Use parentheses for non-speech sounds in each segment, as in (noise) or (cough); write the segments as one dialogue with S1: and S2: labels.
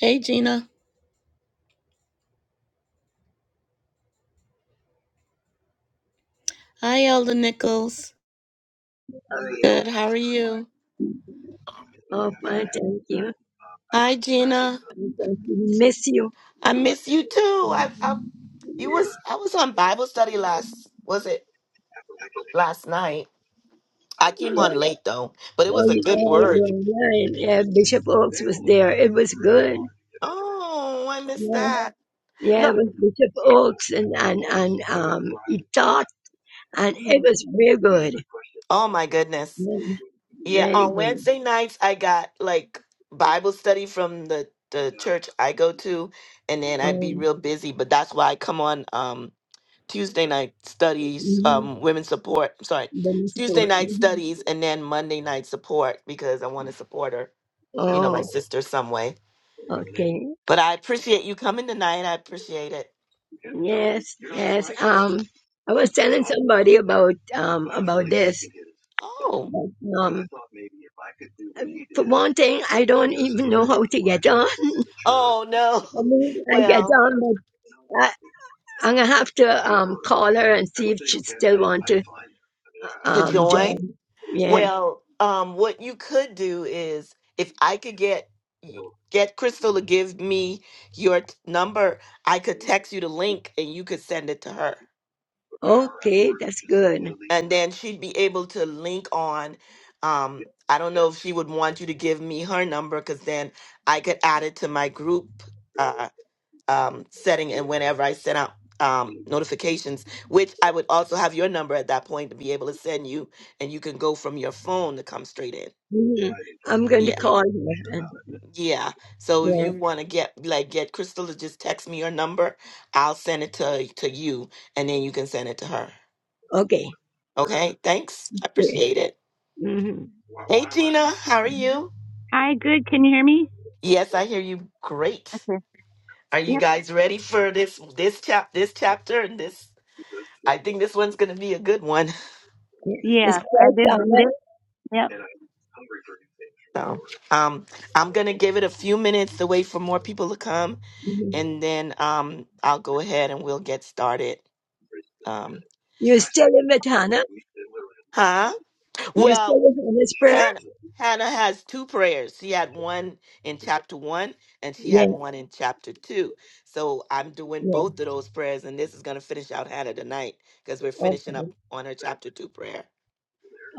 S1: Hey, Gina. Hi, Elder Nichols. Good. How are you?
S2: Oh, fine, thank you.
S1: Hi, Gina.
S2: Thank you. We Miss you.
S1: I miss you too. I, I you was I was on Bible study last was it last night? I came on late though, but it
S2: Oh,
S1: was a
S2: you,
S1: good
S2: oh,
S1: word.
S2: you're right. Yeah, Bishop Oaks was there. It was good.
S1: Oh, I missed that.
S2: Yeah, it
S1: No.
S2: was Bishop Oaks and, and, and um, he taught, and
S1: mm-hmm.
S2: it was real good.
S1: Oh my goodness.
S2: Really,
S1: Yeah,
S2: really
S1: on
S2: good.
S1: Wednesday nights I got like Bible study from the the church I go to, and then I'd be
S2: Um,
S1: real busy. But that's why I come on. Um, Tuesday night studies,
S2: mhm.
S1: um, women's support. I'm sorry,
S2: The musical.
S1: Tuesday night
S2: mhm.
S1: studies, and then Monday night support because I want to support her, you know, my
S2: Oh,
S1: sister some way.
S2: okay.
S1: But I appreciate you coming tonight. I appreciate it.
S2: Yes, yes. Um, I was telling somebody about um about this.
S1: Oh,
S2: Um, for one thing, I don't even know how to get on.
S1: oh no. (laughs)
S2: I mean, I, I
S1: Well,
S2: don't know. I, I'm gonna have to um call her and see if she still want to
S1: to
S2: um
S1: join.
S2: join. Yeah.
S1: Well, um, what you could do is if I could get y- get Crystal to give me your t- number, I could text you the link and you could send it to her.
S2: Okay, that's good.
S1: and then she'd be able to link on um i don't know if she would want you to give me her number because then i could add it to my group uh um setting and whenever i send out um notifications which i would also have your number at that point to be able to send you and you can go from your phone to come straight in
S2: hmm I'm going to
S1: yeah
S2: call her. And,
S1: yeah so if
S2: yeah.
S1: you want to get like get crystal to just text me your number i'll send it to to you and then you can send it to her
S2: Okay.
S1: okay thanks i
S2: Yeah.
S1: appreciate it
S2: Mm-hmm.
S1: Hey Gina, how are you?
S3: Hi, good. Can you hear me?
S1: Yes, I hear you. Great.
S3: Okay.
S1: Are you
S3: Yep.
S1: guys ready for this this chap this chapter and this? I think this one's gonna be a good one. (laughs)
S2: Yeah. It's
S3: Yes, I
S2: first
S3: did
S2: on
S3: read
S2: that.
S3: it. Yep.
S1: So, um, I'm gonna give it a few minutes to wait for more people to come,
S2: Mhm.
S1: and then um, I'll go ahead and we'll get started. Um,
S2: still in it, Hannah?
S1: huh?
S2: you still
S1: Well,
S2: in Hannah's prayer?
S1: Hannah, Hannah has two prayers. She had one in chapter one and she had
S2: Yeah,
S1: one in chapter two. So I'm doing
S2: yeah.
S1: both of those prayers, and this is going to finish out Hannah tonight because we're finishing
S2: Okay,
S1: up on her chapter two prayer,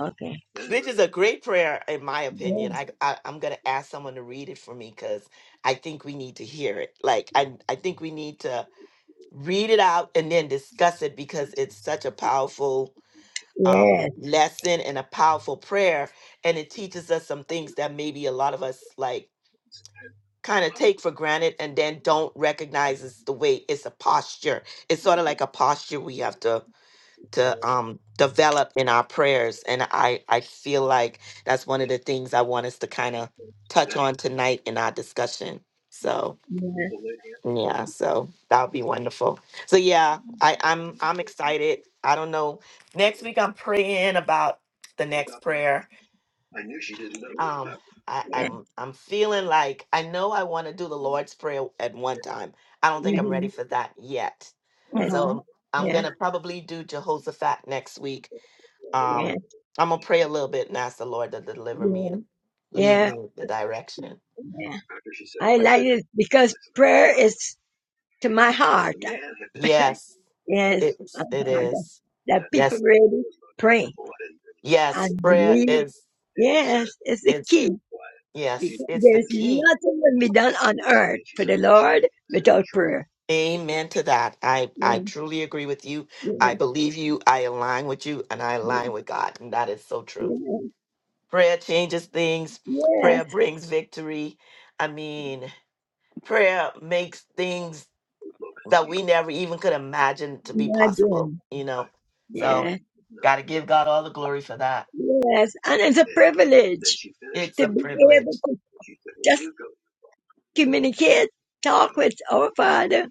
S2: okay.
S1: which is a great prayer, in my opinion.
S2: Yes,
S1: I, I, I'm going to ask someone to read it for me because I think we need to hear it. Like, I, I think we need to read it out and then discuss it because it's such a powerful um,
S2: yes,
S1: lesson and a powerful prayer. And it teaches us some things that maybe a lot of us like kind of take for granted and then don't recognize it's the way it's a posture. It's sort of like a posture we have to to um develop in our prayers. And I I feel like that's one of the things I want us to kind of touch on tonight in our discussion. So.
S2: yeah,
S1: Yeah, so that would be wonderful. So yeah, I, I'm I'm excited. I don't know. Next week I'm praying about the next prayer. Um I,
S2: yeah.
S1: I'm I'm feeling like I know I want to do the Lord's Prayer at one time. I don't think
S3: Okay.
S1: I'm
S2: hmm
S1: ready for that yet.
S2: Yes,
S3: Mhm.
S1: So I'm I'm
S2: yeah,
S1: gonna probably do Jehoshaphat next week.
S2: yeah,
S1: Um I'm gonna pray a little bit and ask the Lord to deliver me
S2: yeah.
S1: and lead
S2: Yeah,
S1: me in the direction.
S2: Yeah. I
S1: But
S2: like it because prayer is to my heart. (laughs)
S1: yes,
S2: Yes,
S1: it
S2: my
S1: it
S2: heart.
S1: is.
S2: that
S1: Yes,
S2: people really pray. I
S1: Yes, prayer
S2: believe,
S1: is
S2: yes, it's the
S1: it's
S2: key. because
S1: yes, it's the
S2: There's
S1: key.
S2: nothing that can be done on earth for the Lord without prayer.
S1: Amen to that. I I
S2: Yeah,
S1: truly agree with you. I
S2: yeah,
S1: believe you. I align with you and I align with God. And that is so true.
S2: yeah,
S1: Prayer changes things. Prayer
S2: Yes,
S1: brings victory. I mean, prayer makes things that we never even could imagine to be possible,
S2: imagine.
S1: you know. So,
S2: Yeah,
S1: got to give God all the glory for that.
S2: yes, and it's a privilege
S1: It's
S2: to
S1: a
S2: be
S1: privilege.
S2: able to just communicate, talk with our Father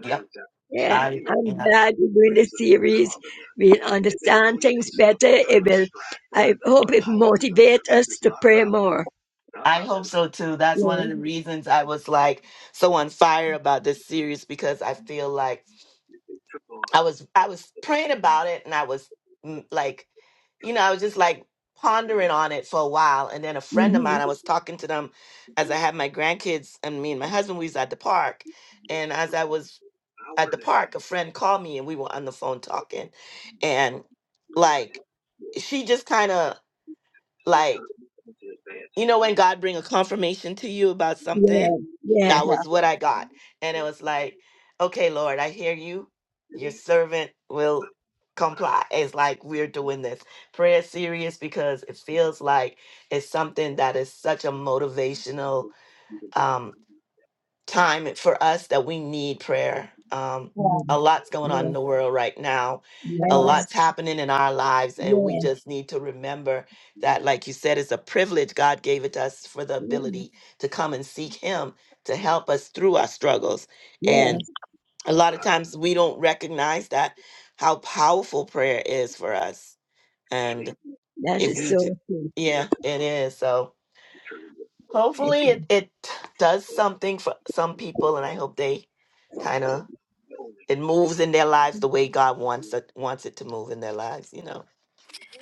S1: Yep.
S2: Yeah,
S1: I yeah.
S2: I'm glad we're doing this series. We'll understand things better. It will, I hope it motivates us to pray more.
S1: I hope so too. That's one
S2: Yeah,
S1: of the reasons I was like so on fire about this series because I feel like I was I was praying about it and I was mm, like, you know, I was just like pondering on it for a while. And then a friend of
S2: hmm
S1: mine, I was talking to them as I had my grandkids and me and my husband, we was at the park. And as I was at the park, a friend called me and we were on the phone talking. And like she just kind of like you know when god bring a confirmation to you about something
S2: yeah, yeah,
S1: that
S3: Yeah.
S1: was what i got and it was like okay lord i hear you your servant will comply it's like we're doing this prayer is serious because it feels like it's something that is such a motivational um time for us that we need prayer. Um,
S2: yeah,
S3: Yeah.
S1: a lot's going on
S2: yeah,
S1: in the world right now.
S3: Yes,
S1: A
S2: yes,
S3: ma'am.
S1: lot's happening in our lives, and we
S2: yeah,
S1: just need to remember that, like you said, it's a privilege God gave it to us for the
S2: yeah,
S1: ability to come and seek Him to help us through our struggles. And
S2: yes.
S1: a lot of times we don't recognize that how powerful prayer is for us. And
S2: That
S1: if
S2: is
S1: we do,
S2: so true.
S1: yeah, it is. So,
S2: Thank
S1: Hopefully,
S2: you.
S1: it, it does something for some people, and I hope they kind of it moves in their lives the way God wants it wants it to move in their lives. You know.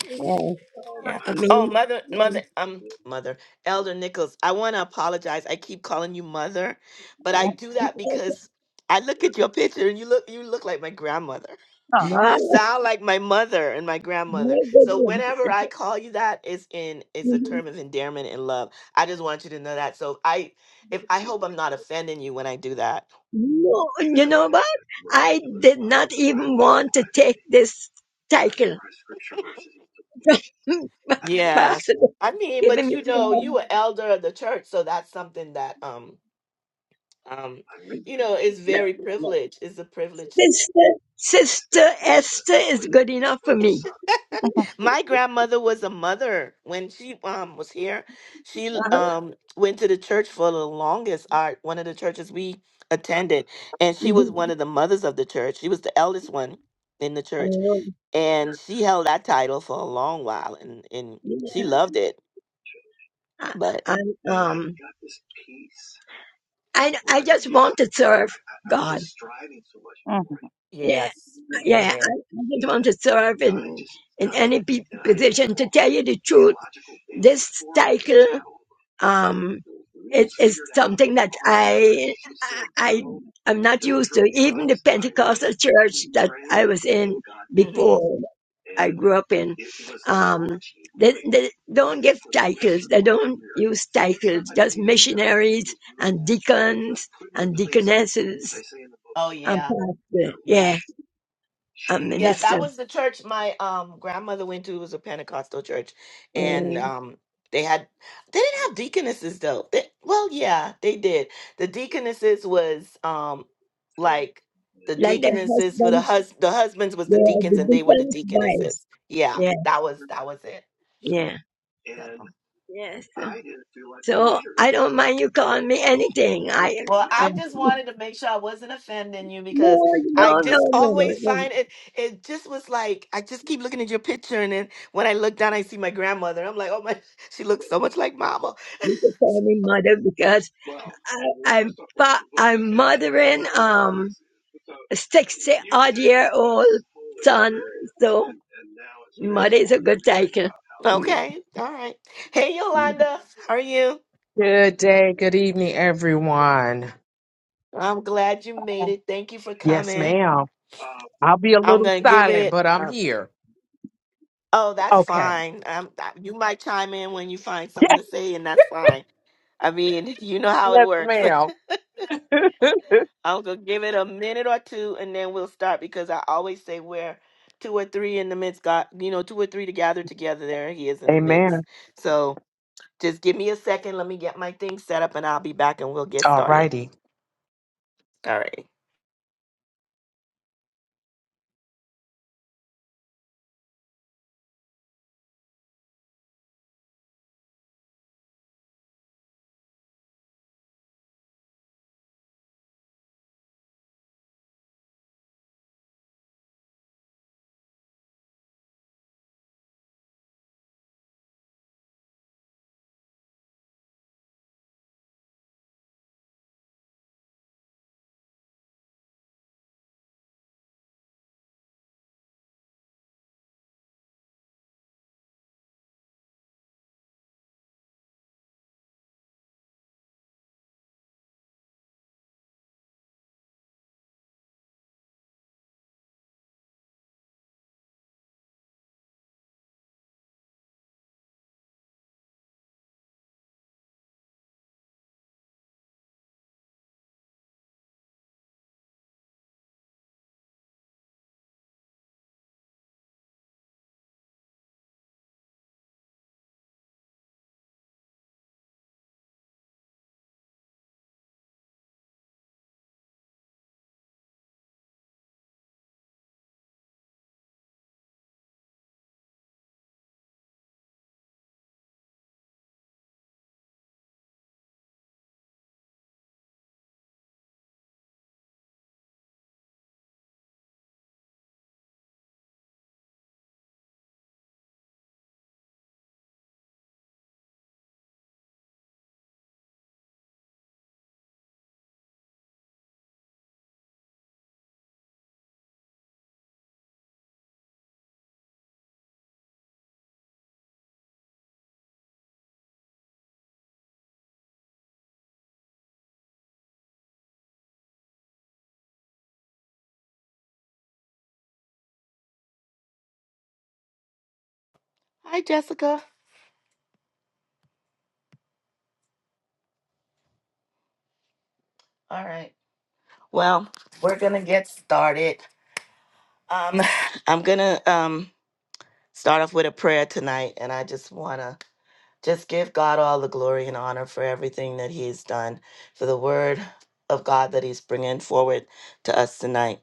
S2: Yeah,
S1: Yeah.
S2: I
S1: Oh,
S2: mean,
S1: mother,
S2: yeah.
S1: mother, um, mother, Elder Nichols. I want to apologize. I keep calling you mother, but I do that because I look at your picture and you look you look like my grandmother.
S3: Aw.
S1: You
S2: wow,
S1: sound like my mother and my grandmother.
S2: my
S1: So
S2: goodness.
S1: whenever I call you that, it's in it's a
S2: Mm-hmm.
S1: term of endearment and love. I just want you to know that. So I if I hope I'm not offending you when I do that.
S2: No, (laughs) you know what? I did not even want to take this title. (laughs) but
S1: Yeah.
S2: Pastor
S1: I mean,
S2: giving
S1: but
S2: me
S1: you know, you
S2: um,
S1: are elder of the church, so that's something that um um you know is
S2: no,
S1: very
S2: no.
S1: privileged. It's a privilege
S2: Sister, Sister Esther is good enough for me.
S1: My grandmother was a mother when she um was here. She
S2: Uh-huh.
S1: um went to the church for the longest art, one of the churches we attended, and she was
S2: Mhm.
S1: one of the mothers of the church. She was the eldest one in the church,
S2: Um,
S1: and she held that title for a long while, and and
S2: yeah.
S1: she loved it.
S2: I,
S1: But
S2: I- um, I, I just want to serve. God.
S3: Mhm.
S2: Yeah,
S1: yes,
S2: yeah. I,
S1: amen.
S2: I just want to serve in in any pe- position. To tell you the truth, this cycle, um, it is something that I, I, I am not used to. Even the Pentecostal church that I was in
S1: hmm
S2: before, I grew up in, um, they, they don't give titles. They don't use titles. Just missionaries and deacons and deaconesses
S1: Oh
S2: and
S1: yeah,
S2: pastor.
S1: yeah.
S2: Yeah, and
S1: Yeah, that
S2: minister.
S1: was the church my um grandmother went to. It was a Pentecostal church, and
S2: Um,
S1: um they had they didn't have deaconesses though. They, well, yeah, they did. The deaconesses was um like the
S2: like the
S1: deaconesses were the
S2: husband,
S1: hus the husbands was
S2: they
S1: the
S2: are
S1: deacons
S2: the
S1: and they were the
S2: deacon's wives.
S1: deaconesses. Yeah,
S2: Yeah,
S1: that was that was it.
S2: yeah.
S1: so.
S2: Yes. So I don't mind you calling me anything. I
S1: Well,
S2: um,
S1: I just wanted to make sure I wasn't offending you because
S2: no,
S1: I
S2: no, no,
S1: just
S2: no,
S1: always
S2: no.
S1: find it. It just was like I just keep looking at your picture, and then when I look down, I see my grandmother. I'm like, oh my, (laughs) she looks so much like Mama.
S2: You can call me mother because I, I'm fa- I'm mothering um a sixty odd year old son. So mother is a good title.
S1: (laughs)
S2: Yeah.
S1: okay, all right. Hey, Yolanda, how are you?
S4: Good day, good evening, everyone.
S1: I'm glad you made it. Thank you for
S4: Yes,
S1: coming.
S4: ma'am. I'll be a
S1: I'm
S4: little
S1: gonna give
S4: silent,
S1: it.
S4: but I'm
S1: Um,
S4: here.
S1: oh, that's
S4: Okay.
S1: fine. Um, I- you might chime in when you find something
S4: (laughs)
S1: to say, and that's fine. I mean, (laughs) you know how it
S4: Yes, yes,
S1: works.
S4: ma'am. (laughs)
S1: I'll go give it a minute or two and then we'll start because I always say where two or three in the midst got you know, two or three to gather together, there he is in the midst.
S4: Amen.
S1: So just give me a second, let me get my thing set up and I'll be back and we'll get
S4: All
S1: started.
S4: righty.
S1: All right. Hi Jessica. All right. Well, we're gonna get started. Um (sighs) (laughs) I'm gonna um start off with a prayer tonight and I just wanna Just give God all the glory and honor for everything that He's done, for the word of God that He's bringing forward to us tonight.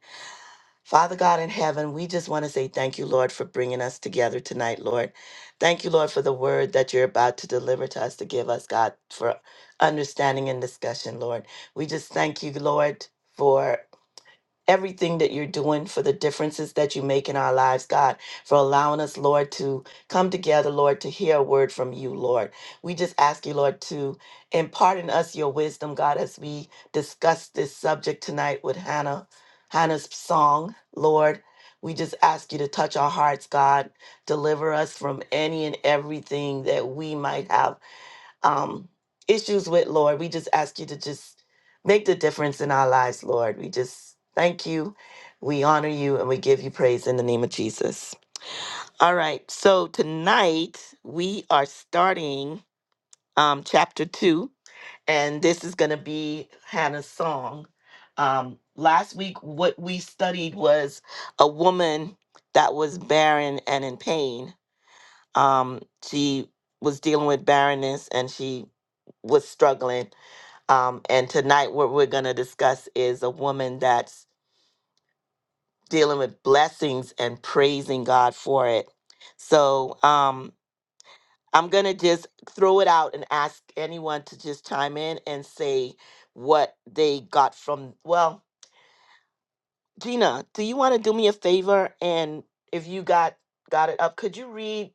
S1: Father God in heaven, we just want to say thank you, Lord, for bringing us together tonight, Lord. Thank you, Lord, for the word that you're about to deliver to us to give us, God, for understanding and discussion, Lord. We just thank you, Lord, for everything that you're doing, for the differences that you make in our lives, God, for allowing us, Lord, to come together, Lord, to hear a word from you, Lord. We just ask you, Lord, to impart in us your wisdom, God, as we discuss this subject tonight with Hannah, Hannah's song, Lord. We just ask you to touch our hearts, God. Deliver us from any and everything that we might have um, issues with, Lord. We just ask you to just make the difference in our lives, Lord. We just thank you, we honor you, and we give you praise in the name of Jesus. All right, so tonight we are starting um, chapter two, and this is going to be Hannah's song. Um, last week, what we studied was a woman that was barren and in pain. Um, she was dealing with barrenness and she was struggling um, and tonight, what we're going to discuss is a woman that's dealing with blessings and praising God for it. So um, I'm going to just throw it out and ask anyone to just chime in and say what they got from. Well, Gina, do you want to do me a favor? And if you got got it up, could you read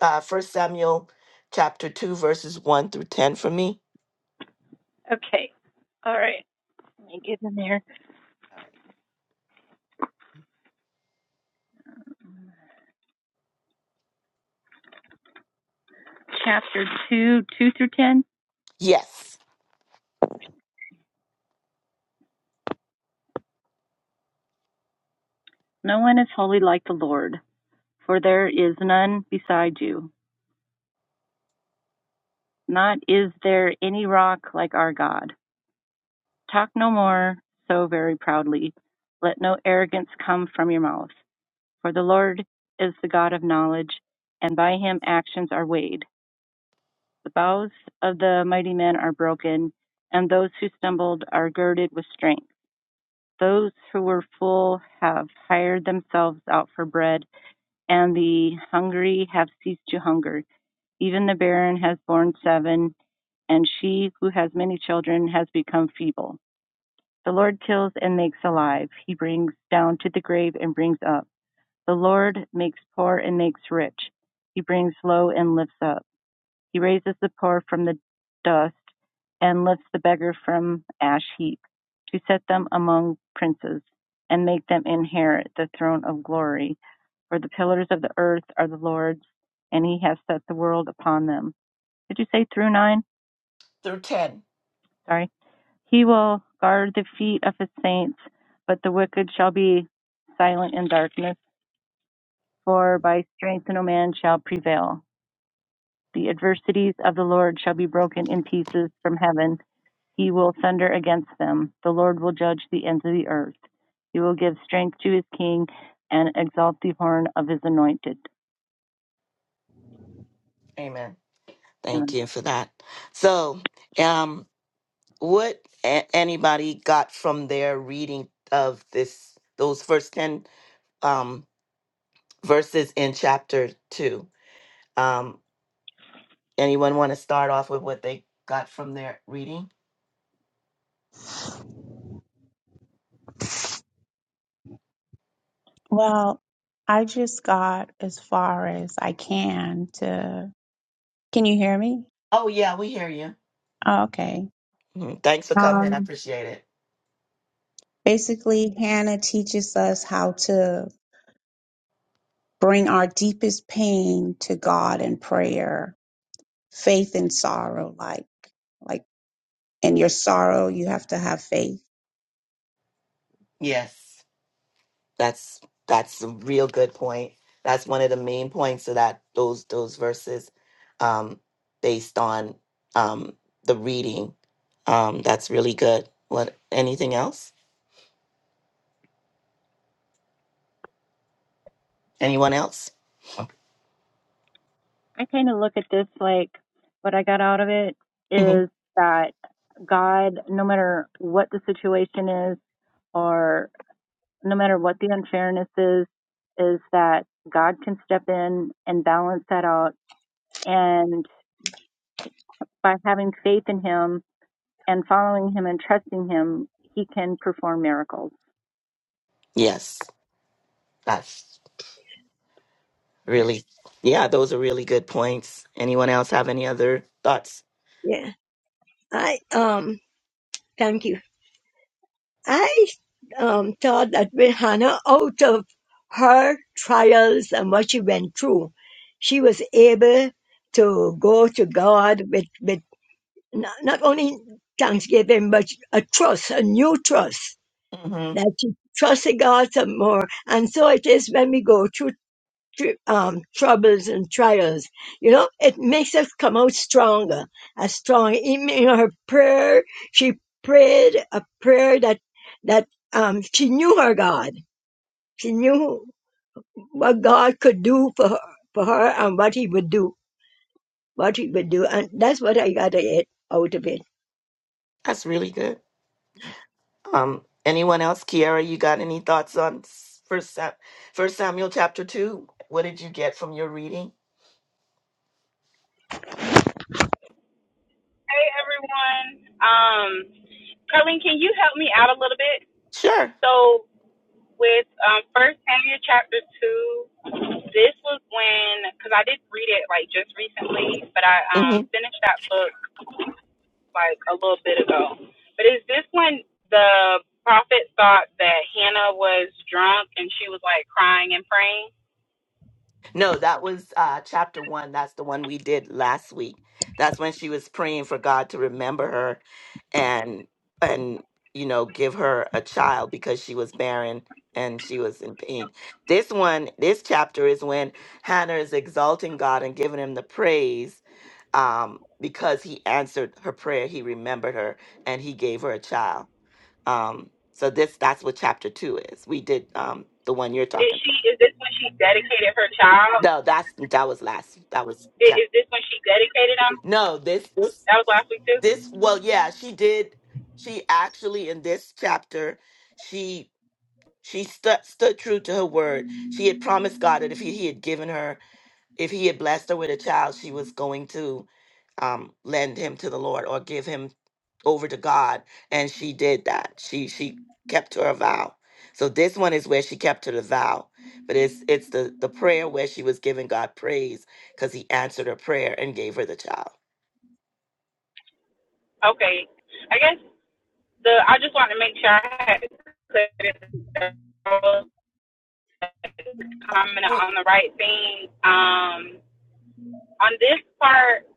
S1: uh, 1 Samuel chapter 2, verses 1 through 10 for me?
S3: Okay. All right. Let me get in there.
S1: All right.
S3: Chapter two, two through ten.
S1: Yes.
S3: No one is holy like the Lord, for there is none beside you. Not is there any rock like our God. Talk no more so very proudly. Let no arrogance come from your mouth. For the Lord is the God of knowledge, and by him actions are weighed. The bows of the mighty men are broken, and those who stumbled are girded with strength. Those who were full have hired themselves out for bread, and the hungry have ceased to hunger. Even the barren has borne seven, and she who has many children has become feeble. The Lord kills and makes alive. He brings down to the grave and brings up. The Lord makes poor and makes rich. He brings low and lifts up. He raises the poor from the dust and lifts the beggar from ash heap to set them among princes and make them inherit the throne of glory. For the pillars of the earth are the Lord's, and he has set the world upon them. Did you say through nine?
S1: Through 10.
S3: Sorry. He will guard the feet of his saints, but the wicked shall be silent in darkness, for by strength no man shall prevail. The adversities of the Lord shall be broken in pieces from heaven. He will thunder against them. The Lord will judge the ends of the earth. He will give strength to his king and exalt the horn of his anointed.
S1: Amen. Thank
S3: Amen.
S1: you for that. So, um, what a- anybody got from their reading of this, those first 10 um, verses in chapter 2? Um, anyone want to start off with what they got from their reading?
S5: Well, I just got as far as I can to. Can you hear me?
S1: Oh, yeah, we hear you.
S5: Oh, okay.
S1: Mhm. Thanks for coming. I
S5: Um,
S1: appreciate it.
S5: basically, Hannah teaches us how to bring our deepest pain to God in prayer, faith and sorrow, like. like In your sorrow, you have to have faith.
S1: Yes. That's that's a real good point. That's one of the main points of that those those verses, um, based on um the reading. Um, that's really good. What anything else? Anyone else?
S3: I kind of look at this like what I got out of it
S1: hmm
S3: is that God, no matter what the situation is or no matter what the unfairness is, is that God can step in and balance that out. And by having faith in him, and following him and trusting him, he can perform miracles.
S1: Yes, that's really yeah. Those are really good points. Anyone else have any other thoughts?
S2: yeah. I um thank you. I um, thought that with Hannah, out of her trials and what she went through, she was able to go to God with, with not, not only thanksgiving, but a trust, a new trust
S1: hmm
S2: that she trusted God some more. And so it is when we go through tr- um, troubles and trials. You know, it makes us come out stronger, as strong. Even in her prayer, she prayed a prayer that that um, she knew her God. She knew what God could do for her, for her, and what He would do, what He would do, and that's what I got it out of it.
S1: That's really good. Um, anyone else? Kiara, you got any thoughts on First Sam- First Samuel chapter two? What did you get from your reading?
S6: Hey everyone. Um, Colleen, can you help me out a little bit?
S1: Sure.
S6: So with um, First Samuel chapter two, this was when because I did read it like just recently, but I um,
S1: Mhm.
S6: finished that book like a little bit ago. But is this when the prophet thought that Hannah was drunk and she was like crying and praying?
S1: No, that was uh, chapter one. That's the one we did last week. That's when she was praying for God to remember her, and and you know give her a child because she was barren and she was in pain. This one, this chapter is when Hannah is exalting God and giving Him the praise um, because He answered her prayer. He remembered her and He gave her a child. Um, so this that's what chapter two is. We did um, the one you're talking.
S6: Did she? Is this when she dedicated her child?
S1: No, that's that was last. That was
S6: Did,
S1: chapter.
S6: is this when she dedicated him?
S1: No, this this
S6: That was last week too.
S1: this. Well, yeah, she did. She actually in this chapter, she she stu- stood true to her word. She had promised God that if he, he had given her if he had blessed her with a child, she was going to um, lend him to the Lord or give him over to God, and she did that. She she kept her vow. So this one is where she kept her vow, but it's it's the the prayer where she was giving God praise because He answered her prayer and gave her the child.
S6: Okay, I guess The I just wanted to make sure I had put it
S1: Uh, I mean,
S6: on the right thing. Um, on this part,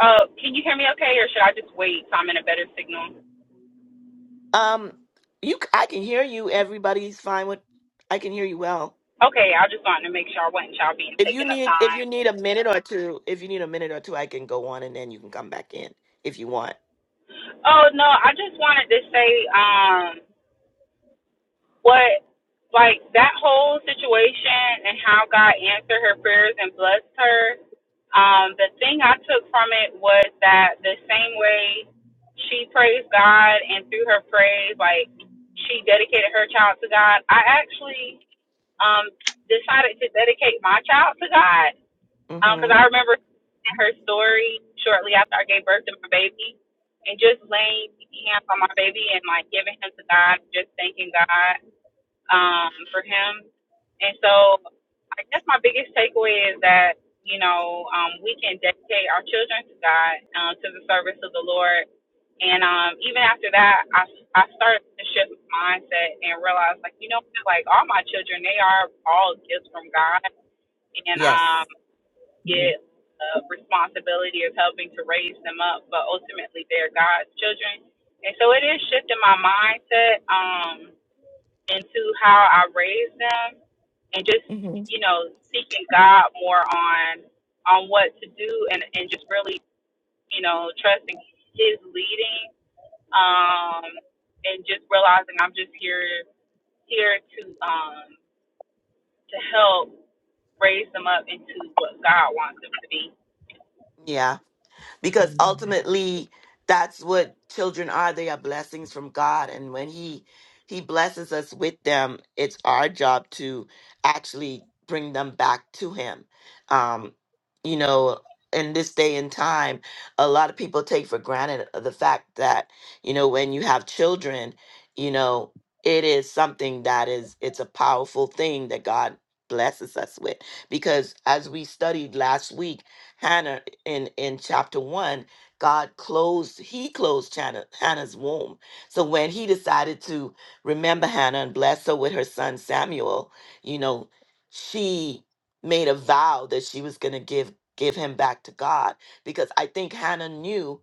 S6: uh, can you hear me okay, or should I just wait so I'm in a better signal?
S1: um, you c- I can hear you. Everybody's fine with. I can hear you well.
S6: Okay, I just wanted to make sure I wasn't y'all being
S1: If you
S6: taken up
S1: need if you
S6: time.
S1: need a minute or two, if you need a minute or two, I can go on and then you can come back in if you want.
S6: Oh no, I just wanted to say, um, what like that whole situation and how God answered her prayers and blessed her, um, the thing I took from it was that the same way she praised God and through her praise, like she dedicated her child to God, I actually um decided to dedicate my child to God. because
S1: Mhm.
S6: I remember seeing her story shortly after I gave birth to my baby and just laying hands on my baby and like giving him to God, just thanking God um, for him. And so I guess my biggest takeaway is that, you know, um, we can dedicate our children to God, um, to the service of the Lord. And um, even after that, I, I started to shift my mindset and realize, like, you know, like all my children, they are all gifts from God. And um,
S1: Yes.
S6: get the responsibility of helping to raise them up, but ultimately they're God's children. And so it is shifting my mindset. Um, into how I raised them and just,
S1: Mhm.
S6: you know, seeking God more on on what to do and, and just really, you know, trusting his leading, um, and just realizing I'm just here here to um to help raise them up into what God wants them to be.
S1: Yeah. because ultimately that's what children are they are blessings from god and when he he blesses us with them it's our job to actually bring them back to him um you know in this day and time a lot of people take for granted the fact that you know when you have children you know it is something that is it's a powerful thing that god blesses us with because as we studied last week Hannah in in chapter one, God closed He closed Hannah, Hannah's womb. So when He decided to remember Hannah and bless her with her son Samuel, you know, she made a vow that she was going to give give him back to God because I think Hannah knew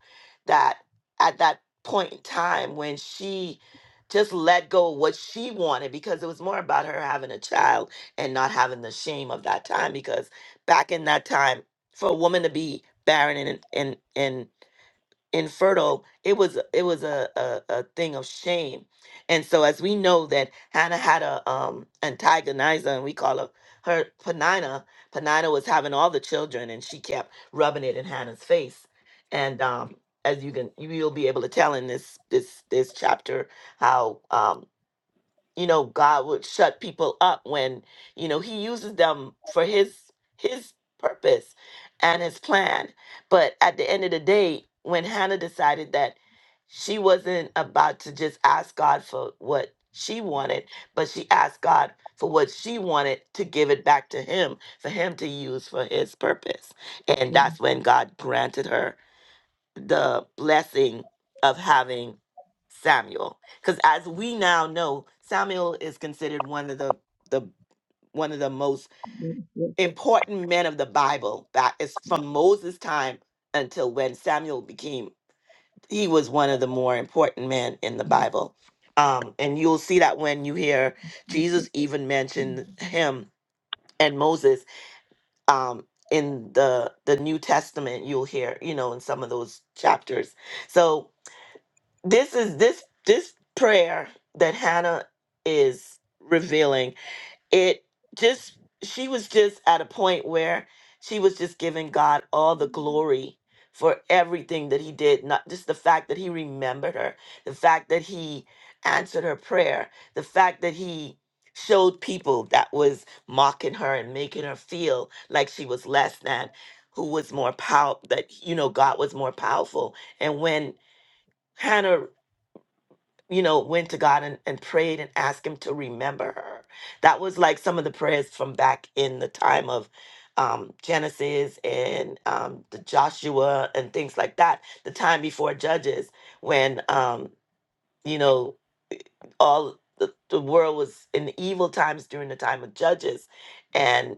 S1: that at that point in time when she just let go of what she wanted because it was more about her having a child and not having the shame of that time because back in that time for a woman to be barren and and and infertile it was it was a, a a thing of shame and so as we know that hannah had a um antagonizer and we call her her penina penina was having all the children and she kept rubbing it in hannah's face and um as you can you- you'll be able to tell in this this this chapter how um you know god would shut people up when you know he uses them for his his purpose and his plan but at the end of the day when hannah decided that she wasn't about to just ask god for what she wanted but she asked god for what she wanted to give it back to him for him to use for his purpose and that's when god granted her the blessing of having Samuel. Because as we now know, Samuel is considered one of the the one of the most
S2: Yes,
S1: important men of the Bible. That is from Moses' time until when Samuel became he was one of the more important men in the Bible. Um, and you'll see that when you hear Jesus even mention him and Moses um, in the the New Testament, you'll hear, you know, in some of those chapters. So this is this this prayer that Hannah is revealing. It just she was just at a point where she was just giving God all the glory for everything that he did, not just the fact that he remembered her, the fact that he answered her prayer, the fact that he showed people that was mocking her and making her feel like she was less than who was more power that you know God was more powerful. And when Hannah you know, went to God and, and prayed and asked Him to remember her. That was like some of the prayers from back in the time of um, Genesis and um, the Joshua and things like that, the time before Judges, when, um, you know, all the, the world was in the evil times during the time of Judges. And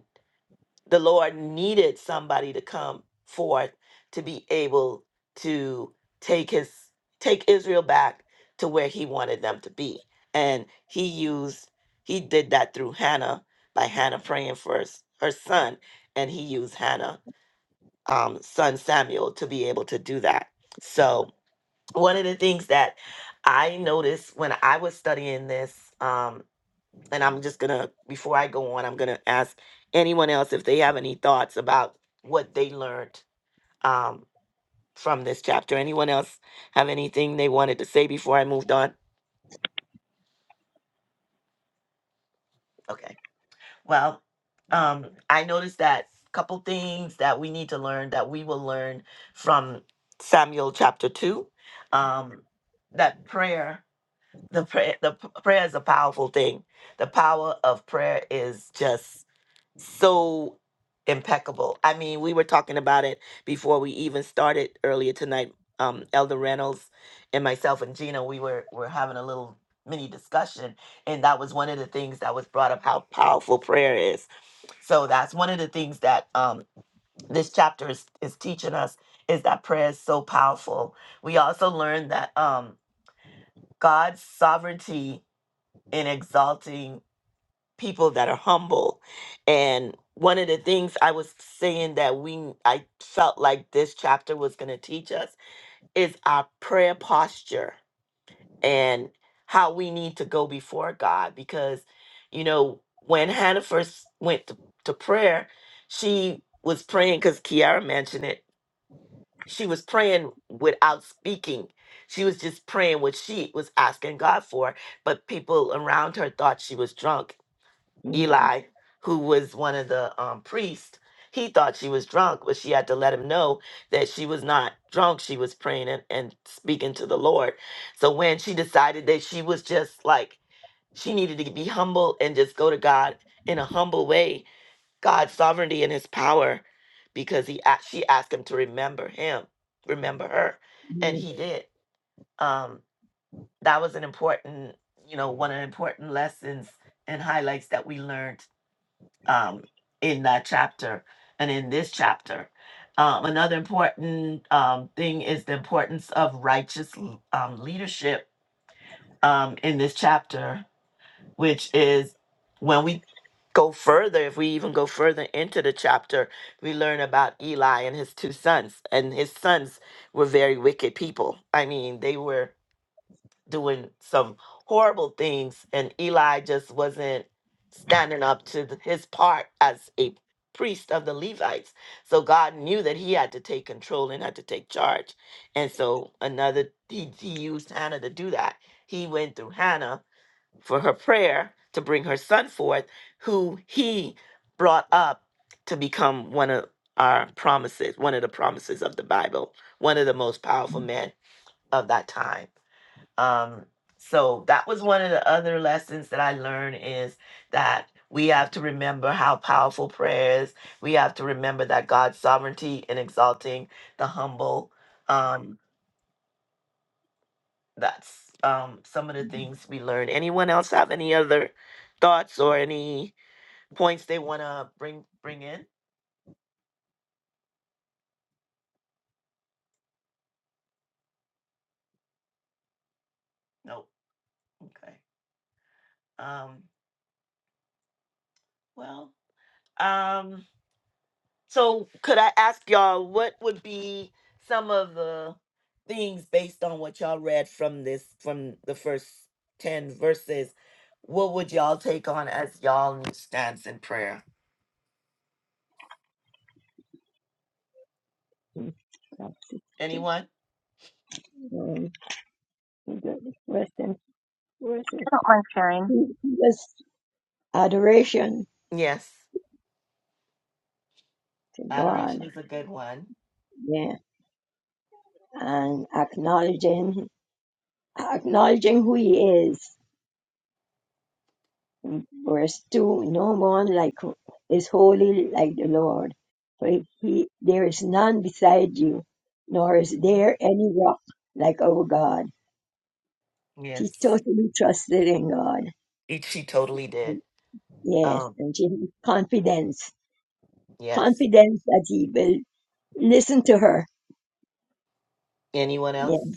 S1: the Lord needed somebody to come forth to be able to take his take Israel back to where he wanted them to be. And he used he did that through Hannah by Hannah praying for her, s- her son and he used Hannah um son Samuel to be able to do that. So one of the things that I noticed when I was studying this um, and I'm just gonna before I go on, I'm gonna ask anyone else if they have any thoughts about what they learned um, from this chapter. Anyone else have anything they wanted to say before I moved on? Okay. Well, um, I noticed that couple things that we need to learn that we will learn from Samuel chapter two. Um, that prayer, the prayer, the p- prayer is a powerful thing. The power of prayer is just so impeccable. I mean, we were talking about it before we even started earlier tonight. Um, Elder Reynolds and myself and Gina, we were were having a little mini discussion, and that was one of the things that was brought up how powerful prayer is. So that's one of the things that um, this chapter is is teaching us is that prayer is so powerful. We also learned that um, God's sovereignty in exalting people that are humble. And one of the things I was saying that we I felt like this chapter was going to teach us is our prayer posture and how we need to go before God because you know when Hannah first went to, to prayer, she was praying cuz Kiara mentioned it. She was praying without speaking. She was just praying what she was asking God for, but people around her thought she was drunk Eli, who was one of the um, priests, he thought she was drunk, but she had to let him know that she was not drunk. She was praying and, and speaking to the Lord. So when she decided that she was just like, she needed to be humble and just go to God in a humble way, God's sovereignty and his power, because he a- she asked him to remember him, remember her, and he did. Um, that was an important, you know, one of the important lessons and highlights that we learned um, in that chapter and in this chapter. Um, another important um, thing is the importance of righteous um, leadership um, in this chapter, which is when we go further, if we even go further into the chapter, we learn about Eli and his two sons. And his sons were very wicked people. I mean, they were doing some horrible things, and Eli just wasn't standing up to th- his part as a priest of the Levites. So God knew that he had to take control and had to take charge. And so another he, he used Hannah to do that. He went through Hannah for her prayer to bring her son forth, who he brought up to become one of our promises, one of the promises of the Bible, one of the most powerful men of that time um so that was one of the other lessons that i learned is that we have to remember how powerful prayer is we have to remember that god's sovereignty in exalting the humble um that's um some of the things we learned anyone else have any other thoughts or any points they want to bring bring in nope okay um well um So, could I ask y'all what would be some of the things based on what y'all read from this from the first 10 verses? What would y'all take on as y'all new stance in prayer?
S2: yes, yes.
S1: Anyone?
S2: Um, Western,
S3: I don't mind sharing.
S2: Just adoration
S1: Yes.
S2: to God,
S1: Adoration is a good one.
S2: yeah, and acknowledging acknowledging who He is. Verse two: No one like is holy like the Lord, for He there is none beside you, nor is
S1: Mhm.
S2: there any rock like our God. She
S1: Yes.
S2: totally trusted in God.
S1: It, she totally did.
S2: Yes,
S1: Um,
S2: and she had confidence,
S1: yes.
S2: confidence that He will listen to her.
S1: Anyone else?
S2: Yeah.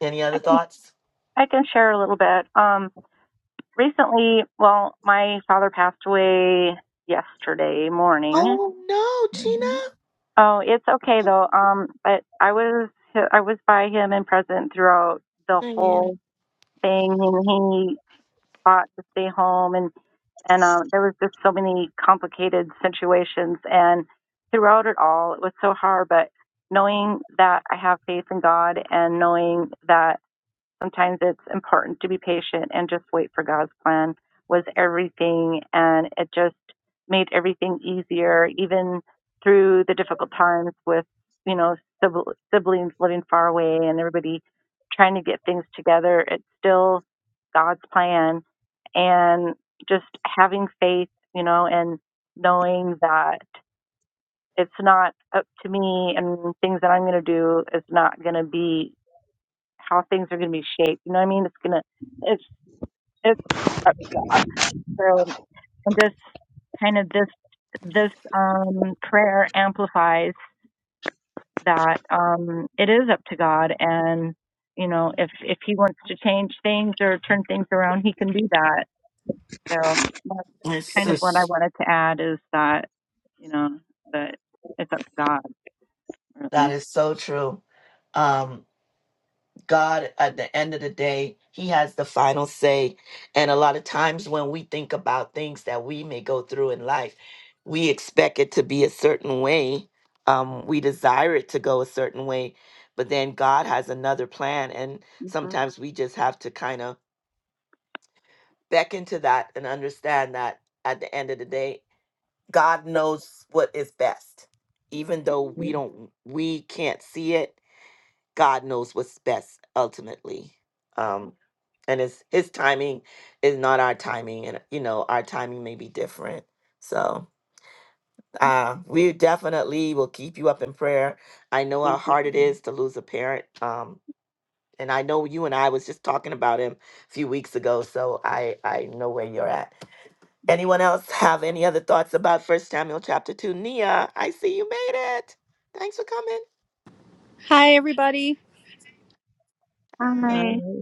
S1: Any
S3: I
S1: other
S3: can,
S1: thoughts?
S3: I can share a little bit. Um, recently, well, my father passed away yesterday morning.
S1: Oh no, Gina.
S3: Oh, it's okay
S1: Oh,
S3: though. Um, but I was I was by him and present throughout the
S1: man.
S3: whole thing, and he. ought to stay home and and um, there was just so many complicated situations and throughout it all it was so hard but knowing that i have faith in god and knowing that sometimes it's important to be patient and just wait for God's plan was everything and it just made everything easier even through the difficult times with you know siblings living far away and everybody trying to get things together it's still God's plan and just having faith you know and knowing that it's not up to me and things that I'm going to do is not going to be how things are going to be shaped. You know what I mean? It's gonna, it's, it's up to God. So, and this kind of this, this um, prayer amplifies that um, it is up to God, and you know, if if He wants to change things or turn things around, He can do that. So that's
S1: It's
S3: kind of what I
S1: just
S3: wanted to add is that you know that it's up to God,
S1: That
S3: really.
S1: is so true. Um, God, at the end of the day, He has the final say. And a lot of times when we think about things that we may go through in life, we expect it to be a certain way. Um, we desire it to go a certain way, but then God has another plan. And
S3: hmm
S1: sometimes we just have to kind of beckon to that and understand that at the end of the day, God knows what is best. Even though we don't, we can't see it, God knows what's best ultimately. Um, and his his timing is not our timing, and you know our timing may be different. So uh, we definitely will keep you up in prayer. I know how
S3: Thank you.
S1: hard it is to lose a parent, um, and I know you and I was just talking about him a few weeks ago. So I I know where you're at. Anyone else have any other thoughts about First Samuel chapter two? Nia, I see you made it. Thanks for coming.
S7: Hi, everybody.
S1: Hi.
S2: I
S3: Hi.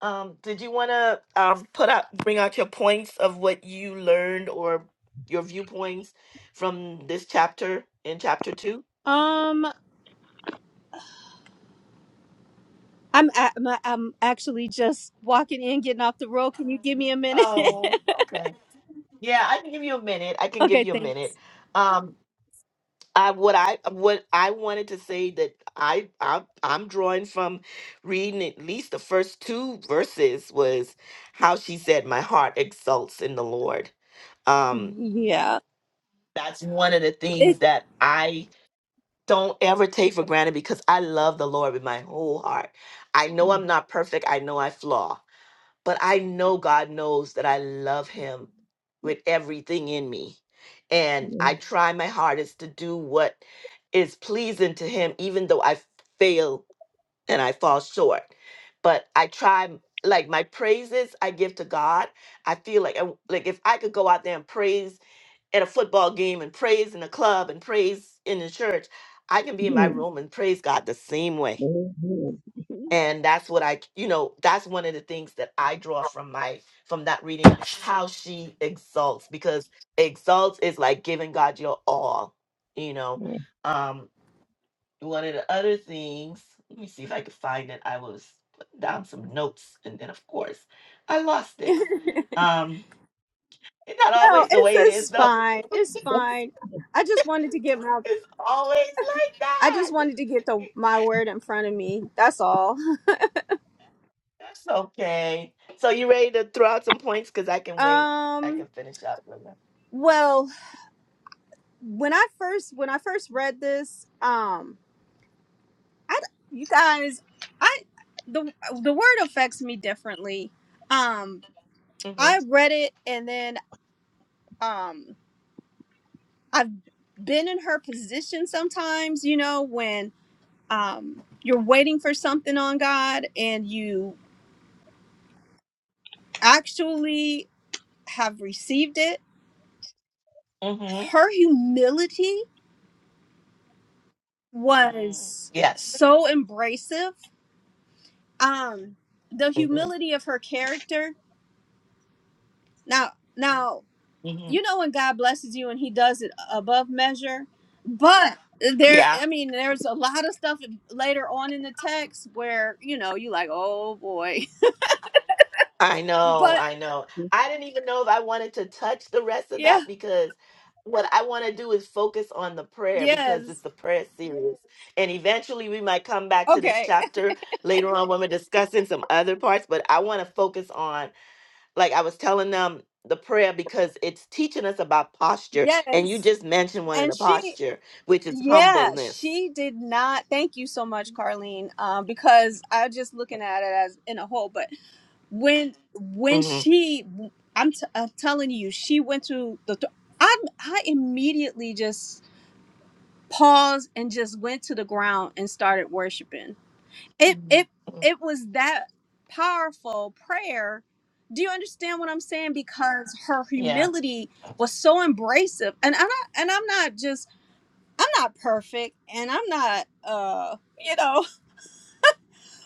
S1: Um, did you want to um, put out, bring out your points of what you learned or your viewpoints from this chapter in chapter two?
S7: Um, I'm a- I'm I'm actually just walking in, getting off the road. Can you give me a minute? (laughs)
S1: Oh, okay. Yeah, I can give you a minute. I can give
S7: okay,
S1: you a minute.
S7: thanks.
S1: Um, I what I what I wanted to say that I, I I'm drawing from reading at least the first two verses was how she said, "My heart exults in the Lord." Um,
S7: Yeah.
S1: that's one of the
S7: It,
S1: things that I don't ever take for granted because I love the Lord with my whole heart. I know I'm not perfect. I know I flaw, but I know God knows that I love Him with everything in me. And I try my hardest to do what is pleasing to Him, even though I fail and I fall short. But I try, like my praises I give to God. I feel like, I- like if I could go out there and praise at a football game and praise in the club and praise in the church. I can be in my room and praise God the same way. And that's what I, you know, that's one of the things that I draw from my from that reading, how she exalts, because exalts is like giving God your all, you know. Um, one of the other things, let me see if I could find it. I was putting down some notes and then of course I lost
S7: (laughs) no,
S1: it. Um, it's not always the
S7: it's
S1: way it is
S7: it's
S1: though.
S7: fine.
S1: (laughs)
S7: It's fine. I just wanted to get my
S1: It's always like
S7: I
S1: that.
S7: just wanted to get the my word in front of me. That's all. (laughs)
S1: That's okay. So you ready to throw out some points? Because I can wait. I can
S7: Um.
S1: finish up with them.
S7: Well, when I first when I first read this, um, I you guys, I the the word affects me differently. Um, I
S1: Mm-hmm.
S7: read it and then. um I've been in her position sometimes, you know, when um you're waiting for something on God and you actually have received it.
S1: Mm-hmm.
S7: Her humility
S1: Mm.
S7: was
S1: Yes.
S7: so embracive. Um the
S1: Mm-hmm.
S7: humility of her character. Now now
S1: Mm-hmm.
S7: you know when God blesses you and he does it above measure but there
S1: Yeah.
S7: I mean there's a lot of stuff later on in the text where you know you like oh boy
S1: I
S7: (laughs)
S1: know.
S7: but
S1: I know. I didn't even know if I wanted to touch the rest of
S7: yeah
S1: that because what I want to do is focus on the prayer because it's
S7: yes
S1: the prayer series. And eventually we might come back to this
S7: okay
S1: chapter later on when we're discussing some other parts, but I want to focus on like I was telling them the prayer because it's teaching us about
S7: (laughs)
S1: posture, and you
S7: yes
S1: just mentioned one of
S7: and
S1: the
S7: she
S1: posture, which is
S7: yeah
S1: humbleness.
S7: she did not thank you so much Carlene um because I just looking at it as in a whole but when when
S1: hmm
S7: she I'm, t- I'm telling you she went to the th- I I immediately just paused and just went to the ground and started worshiping. It it it was that powerful prayer. Do you understand what I'm saying? Because her
S1: Yeah,
S7: humility was so embracive, and I'm not, and I'm not just I'm not perfect, and I'm not uh you know,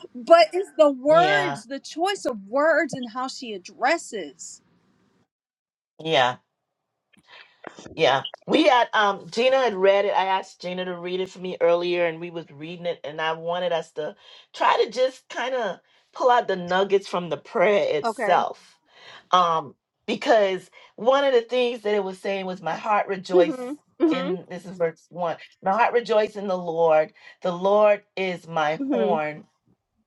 S7: (laughs) but it's the
S1: yeah,
S7: words, the choice of words, and how she addresses.
S1: yeah, yeah. We had um Gina had read it. I asked Gina to read it for me earlier, and we was reading it, and I wanted us to try to just kind of pull out the nuggets from the prayer
S7: Okay.
S1: itself. um because one of the things that it was saying was my heart rejoice
S7: hmm hmm
S1: in this is verse one my heart rejoice in the lord the lord is my
S7: hmm
S1: horn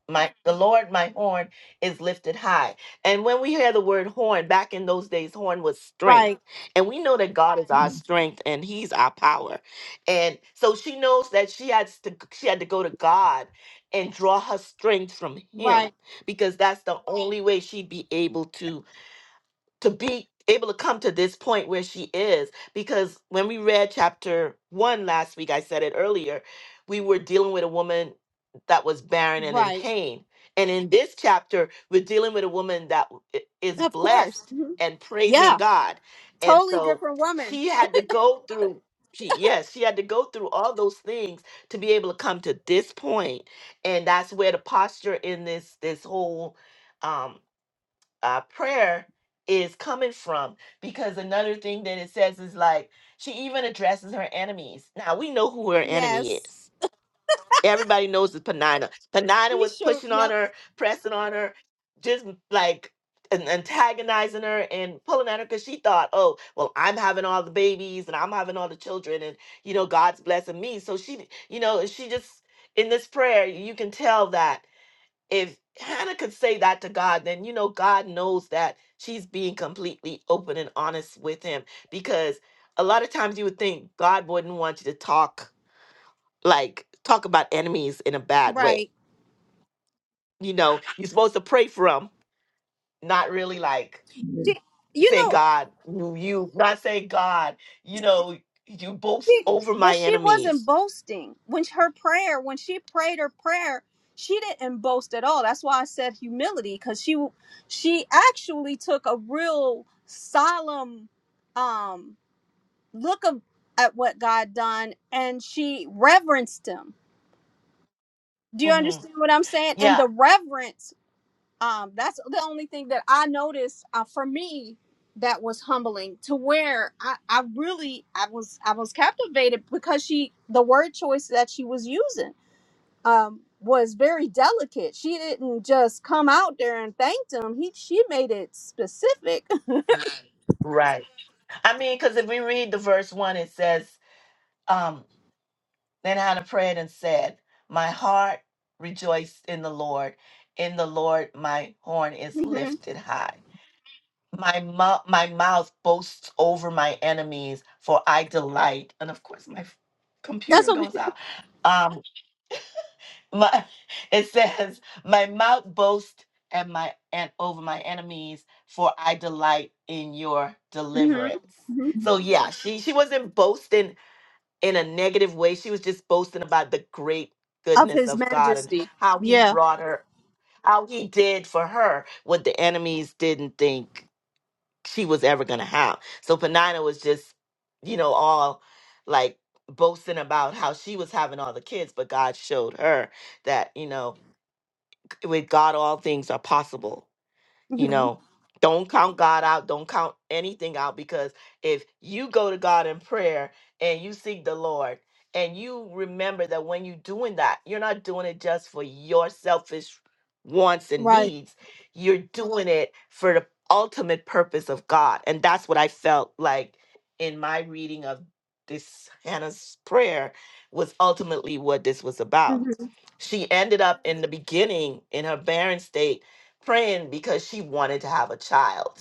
S1: my the lord my horn is lifted high and when we hear the word horn back in those days horn was strength
S7: Right.
S1: and we know that god is our strength and he's our power and so she knows that she has to she had to go to god and draw her strength from him
S7: Right.
S1: because that's the only way she'd be able to to be able to come to this point where she is because when we read chapter 1 last week I said it earlier we were dealing with a woman that was barren and in
S7: Right.
S1: pain and in this chapter we're dealing with a woman that w- i- is
S7: Of course.
S1: blessed
S7: hmm
S1: and praising
S7: Yeah.
S1: God and
S7: Totally
S1: so
S7: different woman.
S1: she had to go through she yes she had to go through all those things to be able to come to this point and that's where the posture in this this whole um, uh, prayer is coming from because another thing that it says is like she even addresses her enemies now we know who her enemy
S7: Yes.
S1: is everybody knows it's panina panina
S7: She
S1: was
S7: sure.
S1: pushing on
S7: Yep.
S1: her pressing on her just like an- antagonizing her and pulling at her because she thought oh well i'm having all the babies and i'm having all the children and you know god's blessing me so she you know she just in this prayer you can tell that if Hannah could say that to God, then you know God knows that she's being completely open and honest with him because a lot of times you would think God wouldn't want you to talk like talk about enemies in a bad way.
S7: Right.
S1: You know, you're supposed to pray for them, not really like
S7: She, you
S1: say
S7: know,
S1: God, you you- not say God, you know, you boast
S7: she,
S1: over
S7: but
S1: my
S7: she wasn't
S1: enemies
S7: boasting when her prayer, when she prayed her prayer, she didn't boast at all. That's why I said humility, because she, she actually took a real solemn, um, look of, at what God done, and she reverenced Him. Do you
S1: hmm
S7: understand what I'm saying? And
S1: Yeah,
S7: the reverence um, that's the only thing that I noticed uh, for me that was humbling to where I, I really I was I was captivated because she the word choice that she was using um, was very delicate. She didn't just come out there and thanked him. He she made it specific.
S1: right. I mean, because if we read the verse one, it says, um, then Hannah prayed and said, My heart rejoiced in the Lord. In the Lord, my horn
S7: (laughs)
S1: is
S7: hmm
S1: lifted high. My mouth, my mouth boasts over my enemies, for I delight. And of course, my f-
S7: That's
S1: computer
S7: okay.
S1: goes out. Um, my, (laughs) it says, "My mouth boasts and my and over my enemies, for I delight in your
S7: hmm
S1: deliverance."
S7: hmm
S1: So yeah, she she wasn't boasting in a negative way. She was just boasting about the great
S7: Of
S1: goodness
S7: His
S1: of God and
S7: Majesty.
S1: how He
S7: Yeah.
S1: brought her, how He did for her what the enemies didn't think she was ever going to have. So Panina was just, you know, all like boasting about how she was having all the kids, but God showed her that, you know, c- with God, all things are possible you
S7: hmm
S1: know, don't count God out, don't count anything out because if you go to God in prayer and you seek the Lord and you remember that when you're doing that, you're not doing it just for your selfish wants and
S7: Right.
S1: needs, you're doing it for the ultimate purpose of God. And that's what I felt like in my reading of this Hannah's prayer was ultimately what this was about.
S7: hmm
S1: She ended up in the beginning in her barren state praying because she wanted to have a child.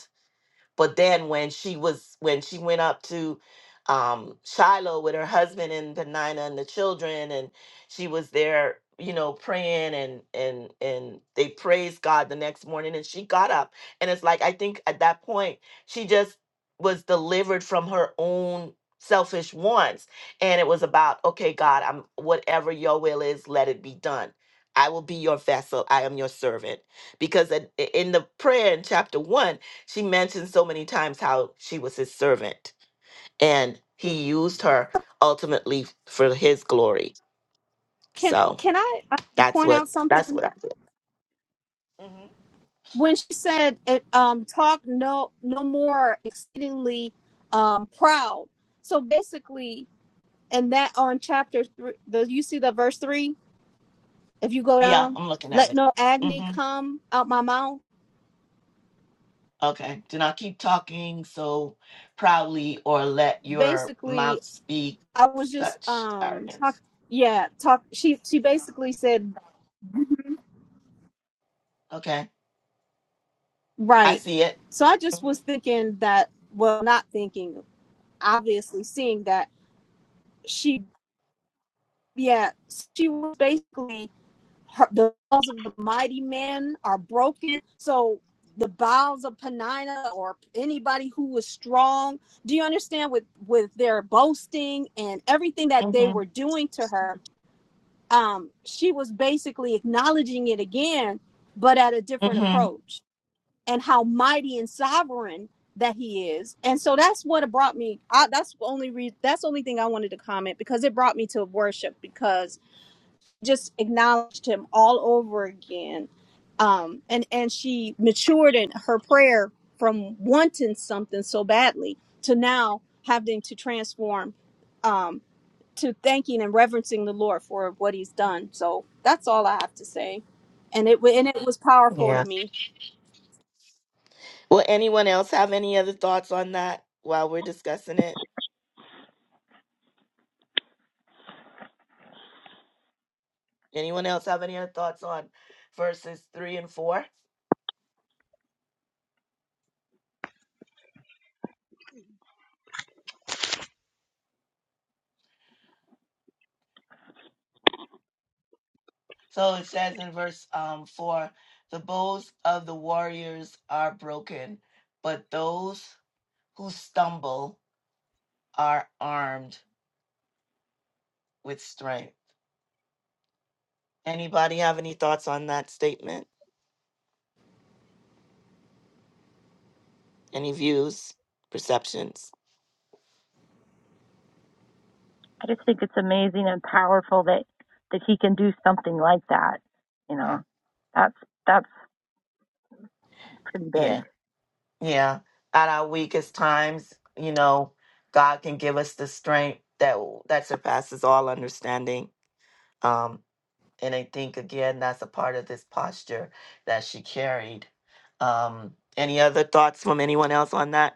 S1: But then when she was when she went up to um Shiloh with her husband and Penina and the children and she was there, you know, praying and and and they praised God the next morning and she got up and it's like I think at that point she just was delivered from her own selfish wants and it was about okay God, I'm whatever your will is, let it be done. I will be your vessel. I am your servant. Because at- in the prayer in chapter 1 she mentioned so many times how she was his servant and he used her ultimately for his glory.
S7: Can
S1: So
S7: Can I uh,
S1: that's
S7: point out
S1: what that's
S7: something?
S1: what I did. hmm
S7: when she said it um talk no no more exceedingly um proud so basically and that on chapter three the you see the verse three if you go
S1: Yeah,
S7: down
S1: I'm looking at
S7: let
S1: it.
S7: no agony
S1: hmm
S7: come out my mouth
S1: Okay. Do not keep talking so proudly or let your
S7: basically
S1: mouth speak
S7: i was just
S1: such
S7: um talk,
S1: arrogance.
S7: yeah talk she she basically said
S1: Okay. I
S7: right
S1: see it.
S7: so i just was
S1: hmm
S7: thinking that well not thinking obviously seeing that she yeah she was basically her, the bows of the mighty men are broken. So the bows of Penina or anybody who was strong, do you understand with with their boasting and everything that they
S1: hmm
S7: were doing to her? Um, she was basically acknowledging it again, but at a different
S1: hmm
S7: approach and how mighty and sovereign that he is. And so that's what it brought me. I, that's the only reason. that's the only thing I wanted to comment because it brought me to worship because just acknowledged him all over again um and and she matured in her prayer from wanting something so badly to now having to transform um to thanking and reverencing the lord for what he's done so that's all i have to say and it wa- and it was powerful to
S1: Yeah.
S7: me
S1: Will anyone else have any other thoughts on that while we're discussing it? Anyone else have any other thoughts on verses three and four? So it says in verse um, four, the bows of the warriors are broken, but those who stumble are armed with strength. Anybody have any thoughts on that statement? Any views, perceptions?
S3: I just think it's amazing and powerful that that he can do something like that. You
S1: Yeah,
S3: know, that's that's pretty
S1: yeah,
S3: big.
S1: yeah. At our weakest times, you know, God can give us the strength that that surpasses all understanding. Um, And I think, again, that's a part of this posture that she carried. Um, any other thoughts from anyone else on that?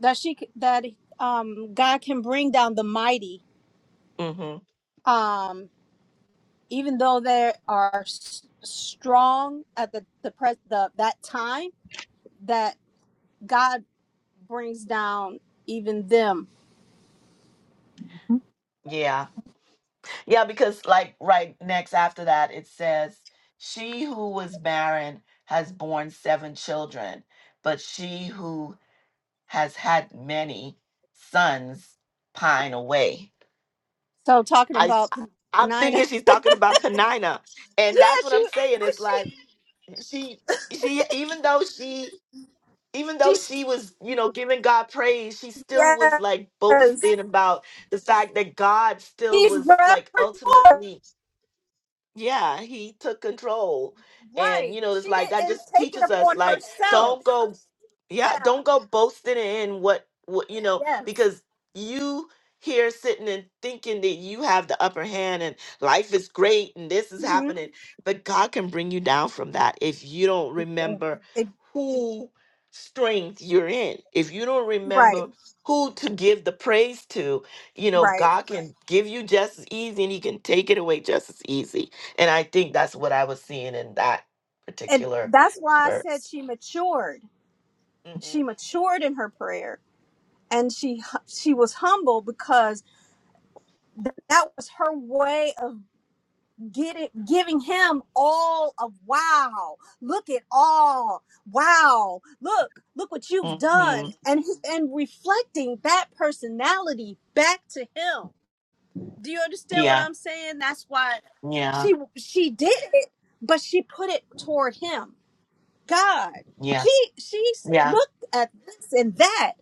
S7: that she c- that um god can bring down the mighty
S1: hmm
S7: um even though they are s- strong at the the pres the that time God brings down even them.
S3: hmm
S1: Yeah. Yeah, because, like, right next after that, it says, She who was barren has borne seven children, but she who has had many sons pine away.
S7: So talking
S1: I,
S7: about
S1: I'm
S7: Penina,
S1: thinking she's talking about Penina.
S7: (laughs)
S1: And
S7: yeah,
S1: that's what
S7: she,
S1: I'm saying.
S7: but
S1: It's like
S7: she,
S1: she she even though she even though
S7: she's
S1: she was, you know, giving God praise, she still was like
S7: yes,
S1: boasting about the fact that God still
S7: she's
S1: was like
S7: repertoire,
S1: ultimately yeah he took control
S7: right?
S1: and you know it's
S7: She
S1: like that
S7: didn't
S1: just
S7: take it
S1: teaches us
S7: upon
S1: like
S7: herself.
S1: don't go yeah
S7: Yeah,
S1: don't go boasting in what what you know
S7: yes,
S1: because you here sitting and thinking that you have the upper hand and life is great and this is
S7: hmm
S1: happening but god can bring you down from that if you don't remember who strength you're in if you don't
S7: right,
S1: remember who to give the praise to you know
S7: right,
S1: god can Right. give you just as easy and he can take it away just as easy and I think that's what I was seeing in that
S7: and
S1: particular
S7: that's why I said
S1: verse.
S7: she matured. She
S1: Mm-hmm.
S7: matured in her prayer, and she hu- she was humble because th- that was her way of get it, giving him all of wow. Look at all. Wow. Look, look what you've done.
S1: hmm
S7: And he, and reflecting that personality back to him. Do you understand what
S1: Yeah,
S7: I'm saying? That's why
S1: yeah,
S7: she she did it, but she put it toward him. God.
S1: yeah,
S7: She she said,
S1: yeah,
S7: look at this and that.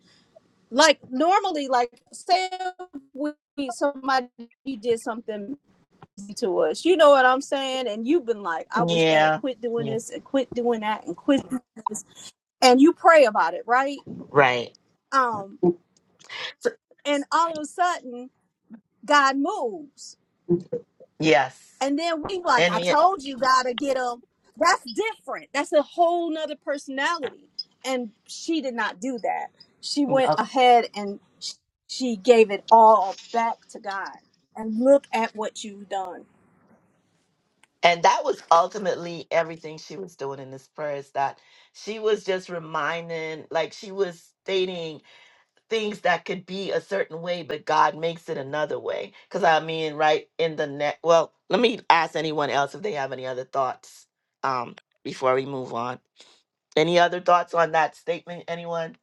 S7: Like normally, like say we somebody did something to us. You know what I'm saying? And you've been like, I wish they had
S1: yeah,
S7: quit doing
S1: yeah.
S7: this and quit doing that and quit doing this. And you pray about it, right?
S1: Right.
S7: Um,
S1: So-
S7: and all of a sudden, God moves.
S1: yes.
S7: And then we like,
S1: And
S7: I
S1: he,
S7: told you, God, to get them. That's different. That's a whole nother personality. And she did not do that. She went
S1: uh,
S7: ahead and she gave it all back to God. And look at what you've done
S1: and that was ultimately everything she was doing in this prayer is that she was just reminding, like she was stating things that could be a certain way, but God makes it another way. Because I mean, right in the net. Well, let me ask anyone else if they have any other thoughts um, before we move on. Any other thoughts on that statement, anyone?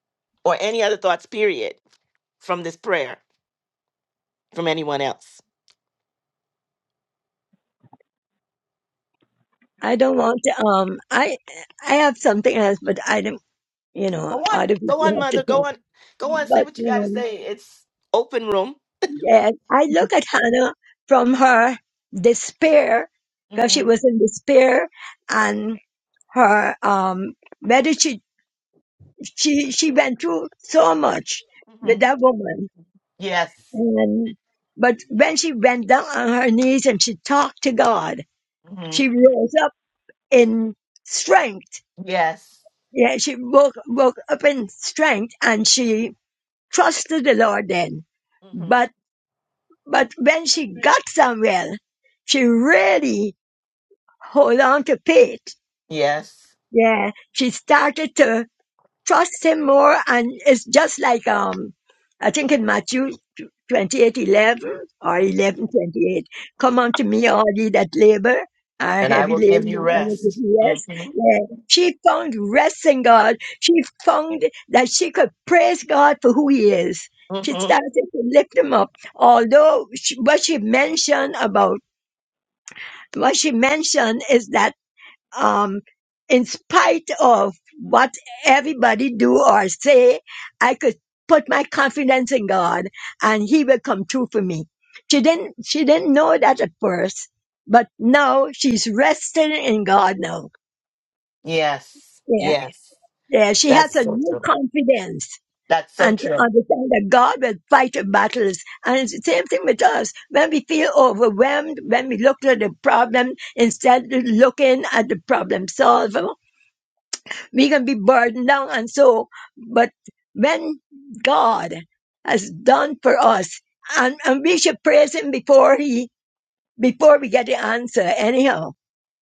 S1: Or any other thoughts, period, from this prayer from anyone else?
S2: don't want to. Um, I I have something else, but I don't. You know,
S1: Go on,
S2: other
S1: go
S2: people
S1: on,
S2: have to
S1: mother. Go
S2: talk.
S1: on, go on. Say
S2: But
S1: what you got to
S2: um,
S1: say. It's open room.
S2: yeah, I look at Hannah from her despair, because she
S1: hmm
S2: was in despair, and her um, She she went through so much with
S1: hmm
S2: that woman.
S1: Yes.
S2: And but when she went down on her knees and she talked to God,
S1: hmm
S2: she rose up in strength.
S1: Yes.
S2: Yeah, she woke woke up in strength and she trusted the Lord then.
S1: hmm
S2: But but when she got somewhere, she really hold on to faith.
S1: Yes.
S2: Yeah, she started to trust him more and it's just like um i think in matthew 28 11 or
S1: mm-hmm.
S2: eleven twenty eight. come unto me all ye that labor and are
S1: and I
S2: heavy
S1: will give you
S2: laden and I will give
S1: rest.
S2: you rest
S1: hmm
S2: yeah. she found rest in god she found that she could praise god for who he is she
S1: hmm
S2: started to lift him up although she, what she mentioned about what she mentioned is that um, in spite of what everybody do or say, I could put my confidence in God and he will come true for me. She didn't, she didn't know that at first, but now she's resting in God now.
S1: Yes.
S2: Yeah.
S1: Yes.
S2: Yeah. She has
S1: That's
S2: a
S1: so
S2: new
S1: true.
S2: confidence
S1: That's so
S2: and to
S1: true.
S2: understand that God will fight our battles. And it's the same thing with us. When we feel overwhelmed, when we look at the problem, instead of looking at the problem solver, We can be burdened down and so, but when God has done for us, and, and we should praise Him before He, before we get the answer anyhow.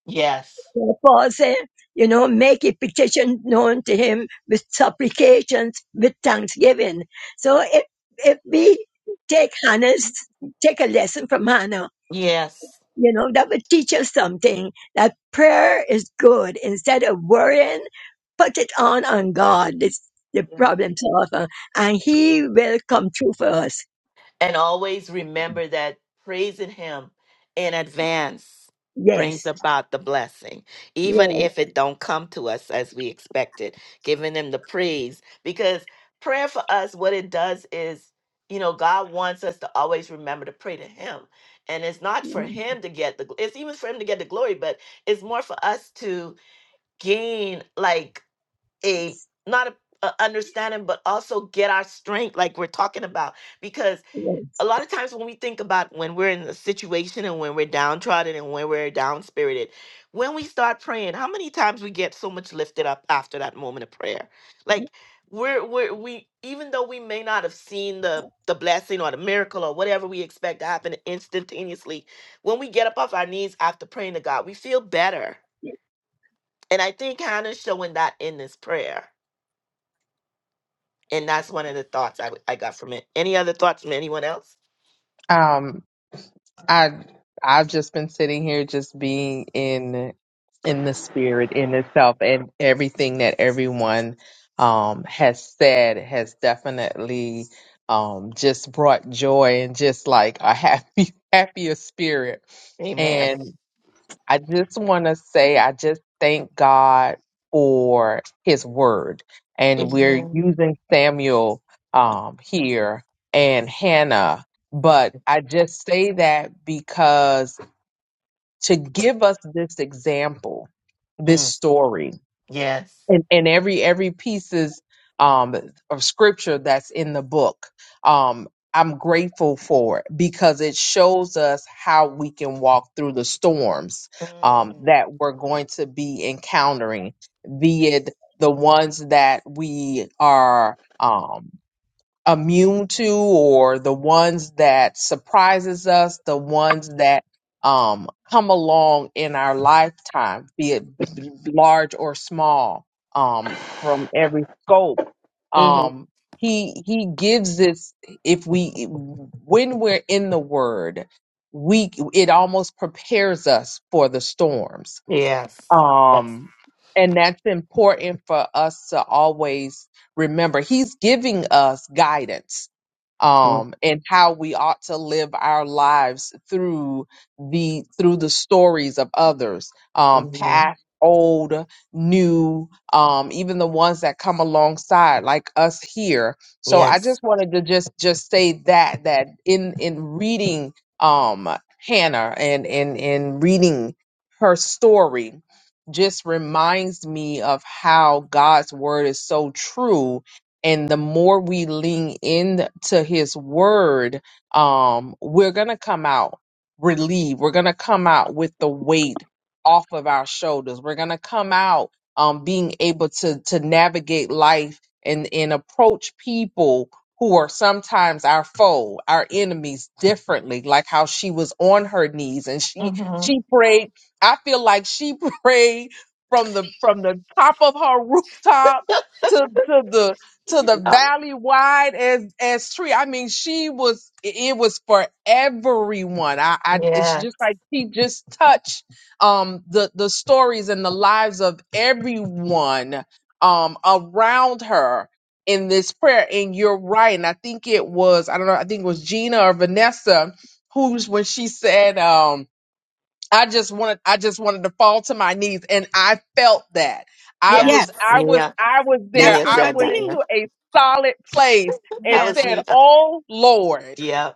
S1: Yes.
S2: So Paul said, you know, make a petition known to Him with supplications, with thanksgiving. So if, if we take Hannah's, take a lesson from Hannah,
S1: Yes.
S2: you know, that would teach us something that prayer is good. Instead of worrying, put it on on God, this, the
S3: Yeah.
S2: problem solver, and He will come through for us.
S1: And always remember that praising Him in advance brings
S2: Yes,
S1: about the blessing, even
S2: yeah,
S1: if it don't come to us as we expected. Giving Him the praise, because prayer for us, what it does is, you know, God wants us to always remember to pray to Him, and it's not for Him to get the. gl- It's even for Him to get the glory, but it's more for us to gain like a not a, a understanding, but also get our strength, like we're talking about, because
S2: yeah.
S1: a lot of times when we think about when we're in a situation and when we're downtrodden and when we're down spirited, when we start praying, how many times we get so much lifted up after that moment of prayer? Like we're we're we even though we may not have seen the the blessing or the miracle or whatever we expect to happen instantaneously, when we get up off our knees after praying to God, we feel better. And I think Hannah's showing that in this prayer. And that's one of the thoughts I, w- I got from it. Any other thoughts from anyone else?
S4: Um, I I've just been sitting here, just being in in the spirit in itself, and everything that everyone um has said has definitely um just brought joy and just like a happy (laughs) happier spirit.
S1: Amen.
S4: and. I just want to say, I just thank God for his word. And we're
S1: Amen.
S4: using Samuel um, here and Hannah. But I just say that because to give us this example, this
S1: Mm.
S4: story
S1: Yes.
S4: and, and every every piece is um of scripture that's in the book um i'm grateful for it because it shows us how we can walk through the storms um
S1: Mm.
S4: that we're going to be encountering be it the ones that we are um immune to or the ones that surprises us the ones that um, come along in our lifetime be it
S5: Hmm.
S4: b- large or small um, from every scope
S1: hmm
S4: um, he he gives this if we when we're in the word we it almost prepares us for the storms
S1: Yes.
S4: um and that's important for us to always remember he's giving us guidance
S1: Yes.
S4: um, and how we ought to live our lives through the through the stories of others, um,
S1: Mm-hmm.
S4: past, old, new, um, even the ones that come alongside, like us here. So I
S1: Yes.
S4: just wanted to just just say that that in in reading um, Hannah and and and reading her story just reminds me of how God's word is so true and the more we lean into his word um we're gonna come out relieved we're gonna come out with the weight off of our shoulders we're gonna come out um being able to to navigate life and and approach people who are sometimes our foe our enemies differently like how she was on her knees and she
S1: Mm-hmm.
S4: she prayed i feel like she (laughs) prayed from the from the top of her (laughs) rooftop to to the to the
S1: You know?
S4: valley wide as as tree. I mean, she was it was for everyone. I, I it's
S1: Yeah.
S4: just like she just touched um the the stories and the lives of everyone um around her in this prayer. And you're right. And I think it was I don't know. I think it was Gina or Vanessa who's when she said um I just wanted I just wanted to fall to my knees and I felt that. I
S1: Yeah.
S7: Yes,
S4: was I was
S1: Nia.
S4: I was there.
S7: that's
S1: Nia
S7: what
S4: I
S7: I
S1: said
S4: went
S1: that.
S7: did.
S1: Yeah.
S4: into a solid place and
S1: That
S7: Yes,
S1: was
S4: said,
S1: Nia.
S4: "Oh Lord,
S1: Yeah.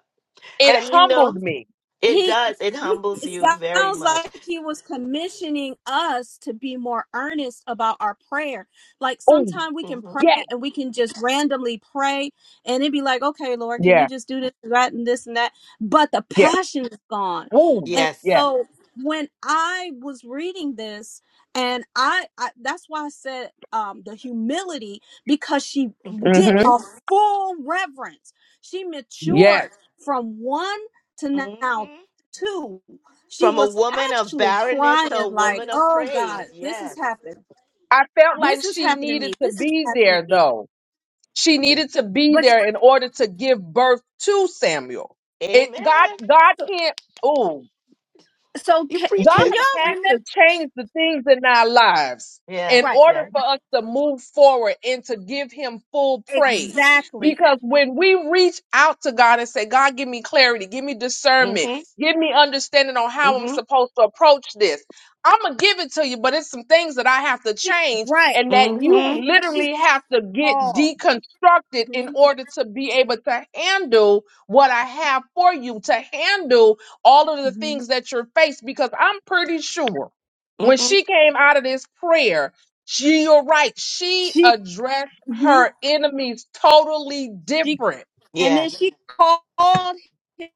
S4: it
S1: And you know,
S4: humbled me."
S1: it
S7: he
S1: does. It humbles
S7: it
S1: you very
S7: sounds
S1: much.
S7: like he was commissioning us to be more earnest about our prayer like
S4: Ooh,
S7: sometimes we can
S1: hmm
S4: yeah.
S7: pray and we can just randomly pray and it'd be like okay lord can you
S4: Yeah.
S7: just do this that and this and that but the
S4: Yeah.
S7: passion is gone
S4: Ooh,
S7: and
S4: yeah.
S1: Yes.
S7: so when i was reading this and i, I that's why i said um the humility because she
S1: hmm
S7: did
S4: Mhm.
S7: a full reverence she matured
S4: Yes.
S7: from one to now
S1: hmm
S7: two, she
S1: From a
S7: was
S1: woman of
S7: actually
S1: barrenness to
S7: crying,
S1: a
S7: like,
S1: woman of
S7: oh God,
S1: praise.
S7: this has
S1: Yes.
S7: happened.
S4: I felt
S7: This
S4: like
S7: has
S4: she
S7: happened to
S4: needed
S7: me.
S4: to
S7: This has
S4: be
S7: happened to
S4: there
S7: me.
S4: though. She
S1: Yeah.
S4: needed to be
S7: But
S4: there in order to give birth to Samuel. It God
S1: Amen.
S4: God
S7: so,
S4: can't Ooh.
S7: so
S1: You
S7: can,
S1: preach
S4: God
S7: can
S1: it.
S7: y'all
S4: has to
S7: remember?
S4: change the things in our lives in
S7: Right.
S1: Yes.
S4: order
S1: Yes.
S4: for us to move forward and to give Him full praise.
S7: Exactly.
S4: Because when we reach out to God and say, God, give me clarity, give me discernment,
S1: Mm-hmm.
S4: give me understanding on how I'm
S1: Mm-hmm.
S4: supposed to approach this, I'm going to give it to you, but it's some things that I have to
S7: She,
S4: change
S7: right.
S4: and that you
S7: But she
S4: literally have to get
S7: called.
S4: deconstructed in
S7: Mhm.
S4: order to be able to handle what I have for you, to handle all of the
S7: hmm
S4: things that you're faced because I'm pretty sure when
S1: Mm-hmm.
S4: she came out of this prayer, she, you're right, she
S7: She,
S4: addressed
S7: mhm.
S4: her enemies totally
S7: she
S4: different.
S7: And then
S1: Yes.
S7: she called him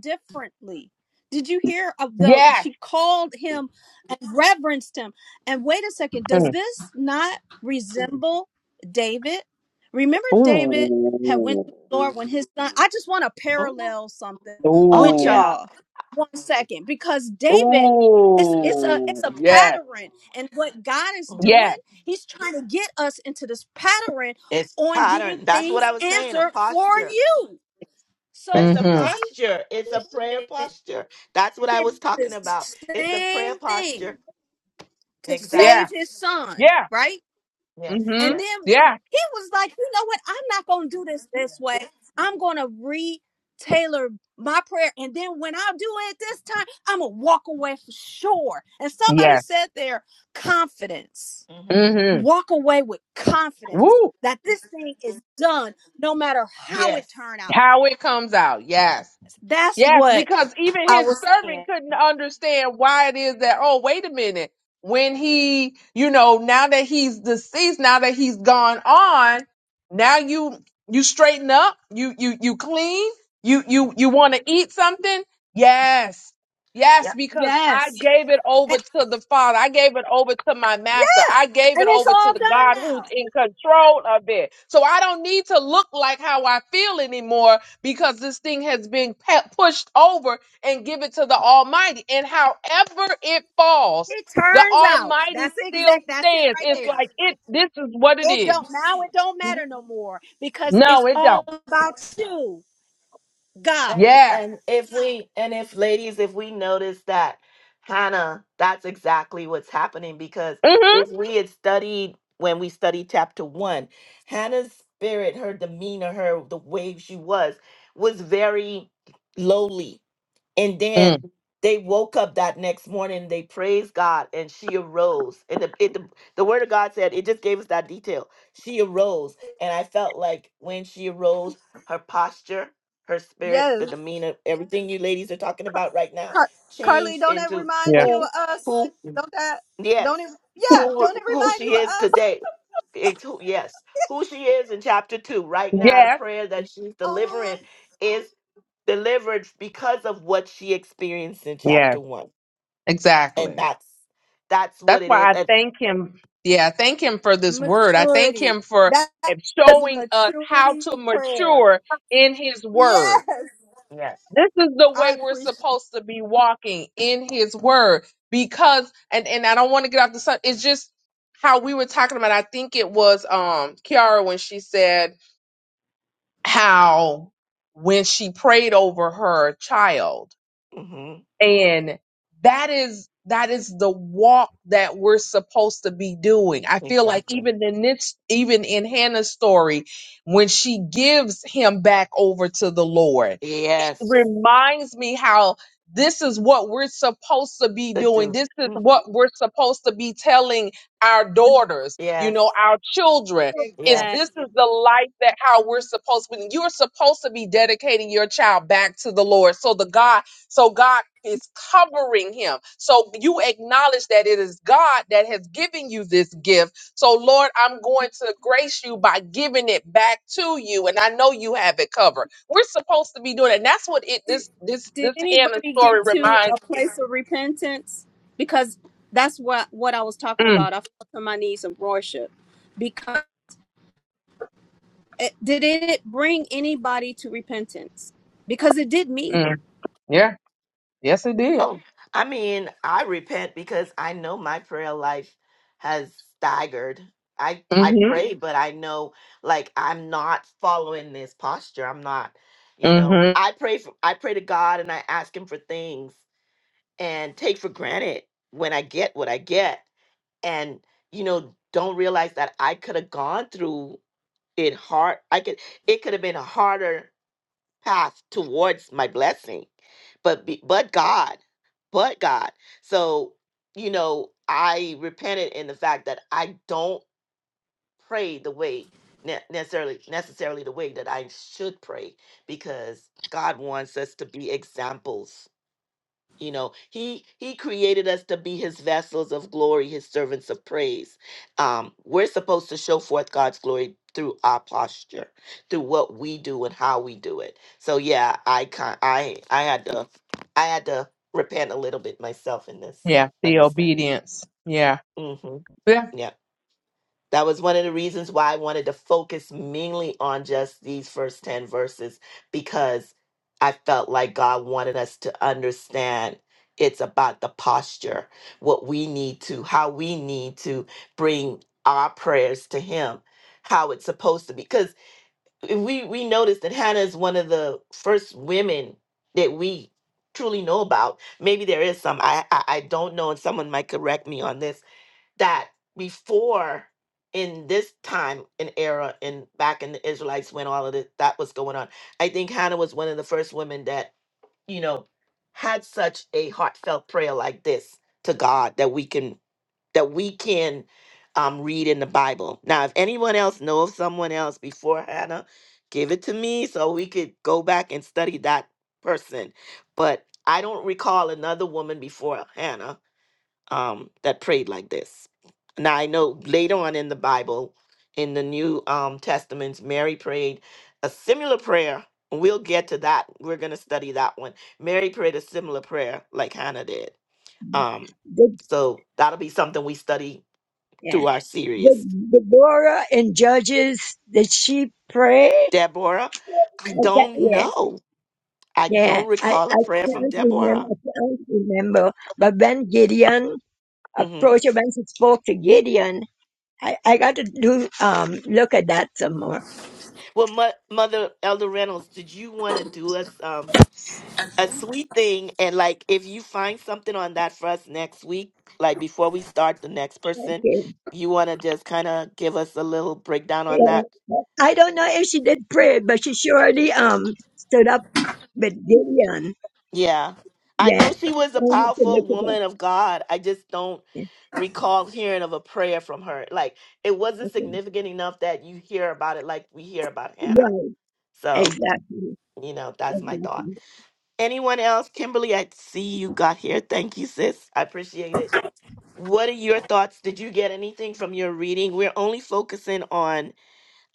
S7: differently. Did you hear of the
S4: Yes.
S7: she called him and reverenced him? And wait a second, does
S4: Mm.
S7: this not resemble David? Remember David had went
S4: Ooh.
S7: to the Lord when his son I just want to
S1: Mhm.
S7: parallel something
S1: Oh,
S7: with
S4: Ooh.
S1: yeah.
S7: y'all. One second, because David it's it's a it's
S4: Ooh.
S7: a
S4: Yes.
S7: pattern and what God is
S1: Mm.
S7: doing,
S4: Yes.
S7: he's trying to get us into this pattern
S1: It's
S7: on getting
S1: pattern. That's what
S7: things
S1: I was saying. A
S7: answered for
S1: posture.
S7: you. So
S1: It's a
S4: Mm-hmm.
S7: David
S1: posture. It's a prayer posture. That's what I
S7: did
S1: was talking
S7: the
S1: about. It's a prayer
S7: same thing
S1: posture.
S7: to save
S4: Yeah.
S1: Exactly.
S7: his son,
S4: Yeah.
S7: right?
S1: Yes.
S7: And
S4: Mm-hmm.
S1: Yes.
S7: then when
S4: Yeah.
S7: he was like, you know what? I'm not going to do this this way. I'm going to re tailor my prayer. And then when I do it this time, I'm going to walk away for sure. And somebody
S4: Yeah.
S7: said there, confidence.
S1: hmm
S4: Mm-hmm.
S7: Walk away with
S1: hmm
S7: confidence
S4: Woo.
S7: that this thing is done no matter how it
S1: Yes.
S7: turned out
S4: How it comes out. Yes.
S7: That's
S4: Yes,
S7: what
S4: because even
S7: I
S4: his
S7: was
S4: servant
S7: saying.
S4: couldn't understand why it is that, oh, wait a minute. When he, you know, now that he's deceased, now that he's gone on, now you you straighten up, you you you clean, you you
S1: hmm
S4: you want to eat something? Yes. Yes, because I
S7: Yes.
S4: gave it
S7: And,
S4: over to the Father. I gave it over to my master. I gave
S7: and
S4: it
S7: it's
S4: over to
S7: all
S4: the God
S7: done
S4: who's
S7: now.
S4: in control of it. So I don't need to look like how I feel anymore because this thing has been pe- pushed over and given to the Almighty. And however it falls,
S7: It
S4: the
S7: turns out.
S4: Almighty
S7: That's the
S4: still
S7: exact that's it
S4: stands.
S7: right
S4: It's
S7: there.
S4: like it. This is what it
S7: It
S4: is.
S7: don't now it don't matter
S3: yeah.
S7: no more because it's
S4: No, it
S7: all
S4: don't.
S7: about you, God.
S1: And
S4: Yes.
S1: and if we and if ladies, if we notice that Hannah, that's exactly what's happening because
S4: hmm
S1: if we had studied when we studied chapter one, Hannah's spirit, her demeanor, her the way she was, was very lowly and then
S4: Mm,
S1: they woke up that next morning, they praised God, and she arose. And the, it, the, the word of God said, it just gave us that detail. She arose. And I felt like when she arose, her posture, her spirit, the
S7: Yes,
S1: demeanor, everything you ladies are talking about right now
S7: Car- Carly,
S1: changed
S7: don't that
S1: into
S7: remind
S4: yeah.
S7: you
S1: who,
S7: of us?
S1: who,
S7: Don't that? Don't it?
S1: yes,
S7: Yeah,
S1: who,
S7: don't it
S1: who
S7: remind you
S1: she is
S7: of us?
S1: today. It's who, yes, who she is in chapter two. Right now, the
S4: Yes.
S1: prayer that she's
S7: Oh,
S1: delivering is delivered because of what she experienced in chapter
S4: Yes.
S1: one, and
S4: Exactly.
S1: that's that's what
S4: That's
S1: it is.
S4: why I
S1: And
S4: thank him. Yeah, I thank him for this word. I thank
S7: Maturity.
S4: him for
S7: That
S4: eh,
S7: is a
S4: showing us how
S7: maturity
S4: to
S7: prayer.
S4: mature in his word
S7: yes,
S1: yes,
S4: This is the
S7: I
S4: way we're
S7: appreciate.
S4: supposed to be walking in his word because and and I don't want to get off the sun. It's just how we were talking about. I think it was um Kiara when she said how when she prayed over her child
S1: hmm
S4: and that is that is the walk that we're supposed to be doing i feel like
S1: exactly.
S4: even in this even in hannah's story when she gives him back over to the lord it
S1: Yes,
S4: reminds me how this is what we're supposed to be
S1: the
S4: doing
S1: do.
S4: this is
S1: hmm
S4: what we're supposed to be telling our daughters you
S1: Yes,
S4: know our children is
S7: Exactly.
S1: yes.
S4: this is the life that how we're supposed when you're supposed to be dedicating your child back to the lord so the god so God is covering him. So you acknowledge that it is God that has given you this gift. So, Lord, I'm going to grace you by giving it back to you. And I know you have it covered. We're supposed to be doing it. And that's what it this this
S7: did
S4: this Hannah
S7: anybody
S4: story
S7: get to a
S4: reminds me.
S7: place of repentance because that's what what i was talking
S4: Mm,
S7: about i fell to my knees and worship because it, did it bring anybody to repentance because it did me
S4: mm. Yeah. Yes, it did.
S1: Oh, I mean, I repent because I know my prayer life has staggered. I I
S4: Mm-hmm.
S1: pray, but I know like I'm not following this posture. I'm not, you know.
S4: Mm-hmm.
S1: I pray for I pray to God and I ask Him for things and take for granted when I get what I get and you know don't realize that I could have gone through it hard I could it could have been a harder path towards my blessing but be, but God but God so you know I repented in the fact that I don't pray the way ne- necessarily necessarily the way that I should pray because God wants us to be examples you know he he created us to be his vessels of glory his servants of praise um we're supposed to show forth god's glory through our posture through what we do and how we do it so yeah i can i i had to i had to repent a little bit myself in this
S4: Yeah. The
S1: understanding
S4: obedience. Yeah.
S1: hmm
S4: Yeah.
S1: yeah that was one of the reasons why I wanted to focus mainly on just these first 10 verses because I felt like God wanted us to understand it's about the posture, what we need to, how we need to bring our prayers to Him, how it's supposed to be. Because we, we noticed that Hannah is one of the first women that we truly know about. Maybe there is some, I, I, I don't know, and someone might correct me on this that before in this time and era and back in the Israelites when all of this, that was going on, I think Hannah was one of the first women that, you know, had such a heartfelt prayer like this to God that we can that we can um, read in the Bible. Now, if anyone else know of someone else before Hannah, give it to me so we could go back and study that person. But I don't recall another woman before Hannah um, that prayed like this. Now I know later on in the Bible, in the New um, Testaments, Mary prayed a similar prayer. We'll get to that. We're going to study that one. Mary prayed a similar prayer like Hannah did. Um,
S2: The,
S1: so that'll be something we study
S2: yeah.
S1: through our
S2: The,
S1: series.
S2: the Deborah in Judges, did she pray? I
S1: Deborah, I
S2: can't-
S1: don't
S2: Yeah,
S1: know. I
S2: yeah.
S1: don't
S2: I,
S1: recall
S2: I
S1: a prayer from
S2: can't remember.
S1: Deborah.
S2: I can't remember. But when Gideon
S1: hmm
S2: approached her, when she spoke to Gideon, I, I got to do um look at that some more.
S1: Well, Mo- Mother Elder Reynolds, did you want to do us? Um, a sweet thing and like if you find something on that for us next week like before we start the next person
S2: Okay.
S1: you want to just kind of give us a little breakdown on
S2: Yeah.
S1: that
S2: I don't know if she did pray, but she surely um stood up with Gideon.
S1: yeah i
S2: Yeah.
S1: know she was a
S2: I have to look
S1: powerful
S2: it up.
S1: woman of god i just don't
S2: Yeah.
S1: recall hearing of a prayer from her like it wasn't
S2: Okay.
S1: significant enough that you hear about it like we hear about hannah
S2: Right.
S1: so
S2: Exactly.
S1: you know that's my thought
S2: Exactly.
S1: anyone else kimberly i see you got here thank you sis i appreciate it What are your thoughts? Did you get anything from your reading? We're only focusing on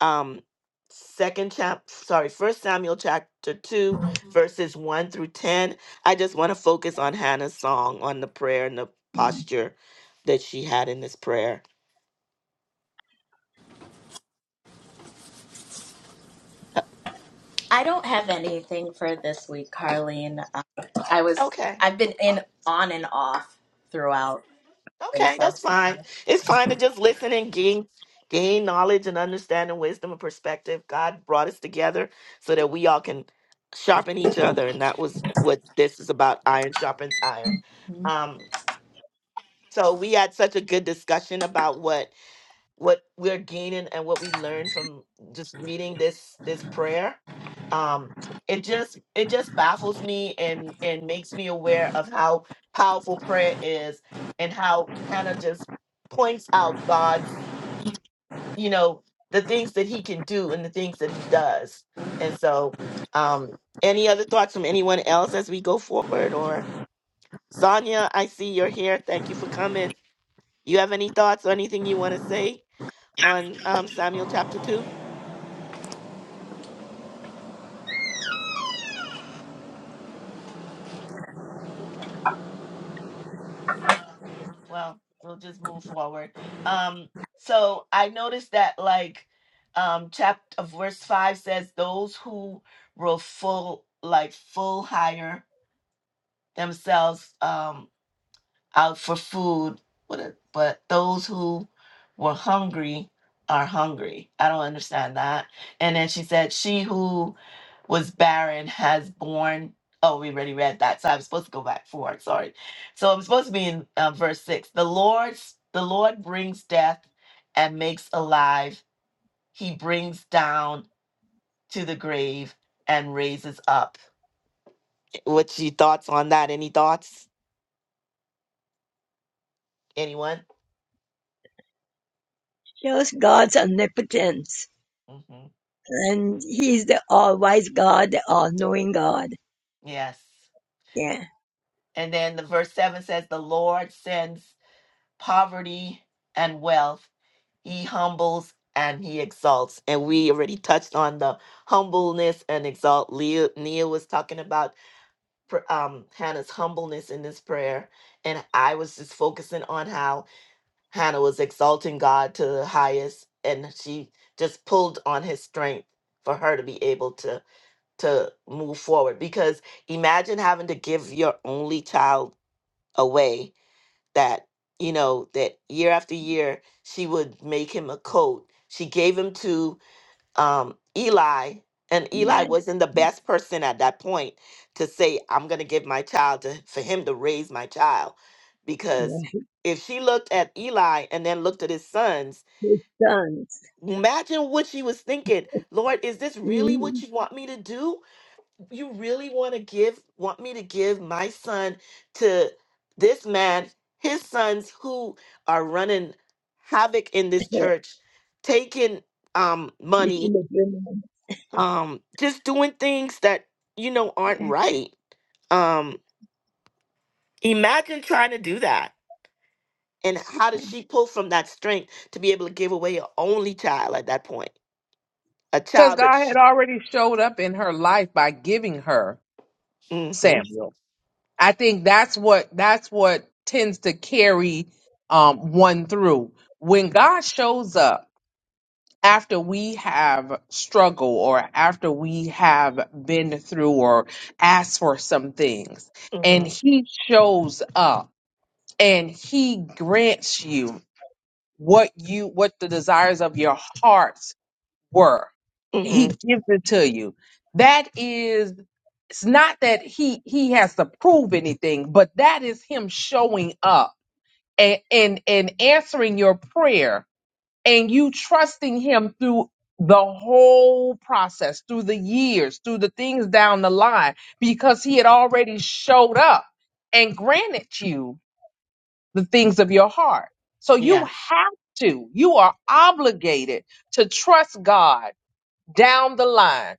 S1: um second chap sorry, first Samuel chapter two, verses one through ten. I just want to focus on Hannah's song, on the prayer and the posture that she had in this prayer.
S8: I don't have anything for this week, Carlene. Um, I was
S1: Okay.
S8: I've been in on and off throughout things
S1: Okay,
S8: so
S1: that's
S8: far.
S1: fine. It's fine to just listen and gain gain knowledge and understanding, wisdom and perspective. God brought us together so that we all can sharpen each other, and that was what this is about. Iron sharpens iron. Um, so we had such a good discussion about what what we're gaining and what we learn from just reading this this prayer um it just it just baffles me and and makes me aware of how powerful prayer is and how hannah just points out god's you know the things that he can do and the things that he does and so um any other thoughts from anyone else as we go forward or sonia i see you're here thank you for coming you have any thoughts or anything you want to say on um, Samuel chapter 2? Okay. Well, we'll just move forward. Um, so I noticed that like um chapter of verse five says those who will full like full hire themselves. Um out for food, what a- but those who were hungry are hungry. I don't understand that. And then she said, She who was barren has borne. Oh, we already read that. So I'm supposed to go back forward. Sorry. So I'm supposed to be in uh, verse six. The Lord's the Lord brings death and makes alive. He brings down to the grave and raises up. What's your thoughts on that? Any thoughts? Anyone?
S2: Shows God's omnipotence,
S1: hmm
S2: and He's the all-wise God, the all-knowing God.
S1: Yes.
S2: Yeah.
S1: And then the verse 7 says, The Lord sends poverty and wealth. He humbles and he exalts. And we already touched on the humbleness and exalt. Leah, Neil was talking about pr- um, Hannah's humbleness in this prayer. And I was just focusing on how Hannah was exalting God to the highest. And she just pulled on his strength for her to be able to to move forward because imagine having to give your only child away that you know that year after year she would make him a coat she gave him to um, eli and eli
S2: That.
S1: wasn't the best person at that point to say i'm going to give my child to for him to raise my child because
S2: Yeah.
S1: if she looked at eli and then looked at his sons
S2: His sons.
S1: imagine what she was thinking lord is this really what
S2: Mm.
S1: you want me to do you really want to give want me to give my son to this man his sons who are running havoc in this
S2: (laughs)
S1: church taking um
S2: Sleeping
S1: money
S2: with women.
S1: um just doing things that you know aren't
S2: Yeah. (laughs)
S1: right um imagine trying to do that and how does she pull from that strength to be able to give away her only child at that point a
S4: Because
S1: child that
S4: God
S1: she
S4: had already showed up in her life by giving her
S1: mm-hmm,
S4: Samuel. I think that's what that's what tends to carry um, one through. When God shows up after we have struggled, or after we have been through or asked for some things, and
S1: mm-hmm,
S4: He shows up and He grants you what you what the desires of your heart were. He
S1: mm-hmm.
S4: gives it to you. That is it's not that he he has to prove anything, but that is him showing up and and, and answering your prayer and you trusting him through the whole process, through the years, through the things down the line, because he had already showed up and granted you the things of your heart. So you
S1: yes
S4: have to, you are obligated to trust God down the line,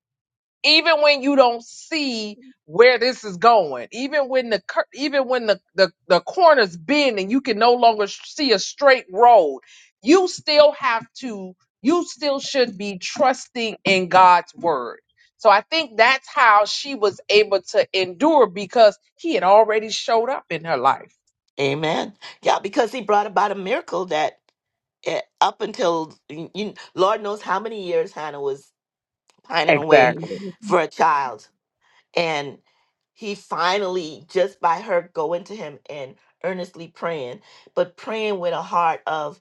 S4: even when you don't see where this is going, even when the cur- even when the, the the corners bend and you can no longer sh- see a straight road, you still have to you still should be trusting in God's word. So I think that's how she was able to endure because he had already showed up in her life.
S1: Amen. Yeah, because he brought about a miracle that eh, up until you, you- Lord knows how many years Hannah was pining away
S4: Exactly.
S1: for a child. And he finally, just by her going to him and earnestly praying, but praying with a heart of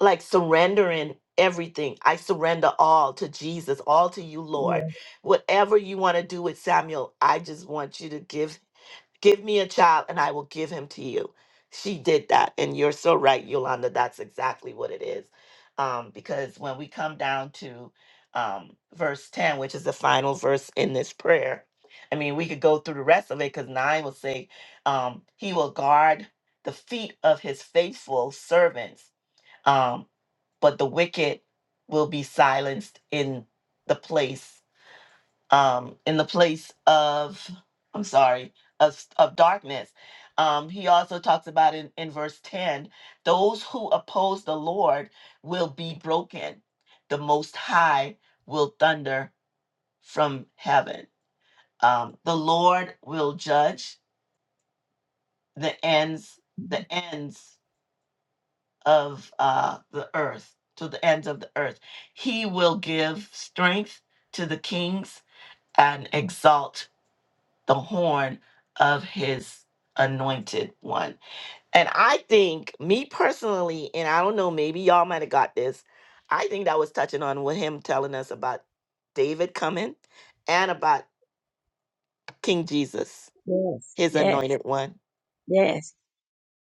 S1: like surrendering everything. I surrender all to Jesus, all to you, Lord. Whatever you want to do with Samuel, I just want you to give Give me a child and I will give him to you. She did that. And you're so right, Yolanda. That's exactly what it is. Um, because when we come down to um, verse 10, which is the final verse in this prayer, I mean, we could go through the rest of it because 9 will say, um, He will guard the feet of his faithful servants, um, but the wicked will be silenced in the place um, in the place of i'm sorry of, of darkness um, he also talks about in, in verse 10 those who oppose the lord will be broken the most high will thunder from heaven um, the lord will judge the ends the ends of uh, the earth to the ends of the earth he will give strength to the kings and exalt the horn of his anointed one. And I think, me personally, and I don't know, maybe y'all might have got this. I think that was touching on with him telling us about David coming and about King Jesus,
S2: Yes.
S1: his
S2: Yes.
S1: anointed one.
S2: Yes.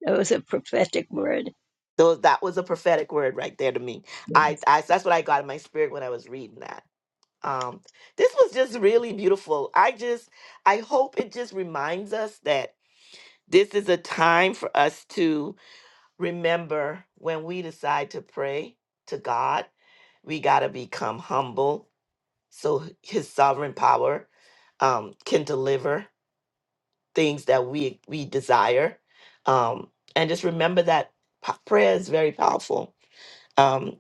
S2: That was a prophetic word.
S1: Those that was a prophetic word right there to me. I, I that's what I got in my spirit when I was reading that. Um, this was just really beautiful. I just I hope it just reminds us that this is a time for us to Remember, when we decide to pray to God, we got to become humble so his sovereign power um, can deliver things that we we desire um, and just remember that p- prayer is very powerful um,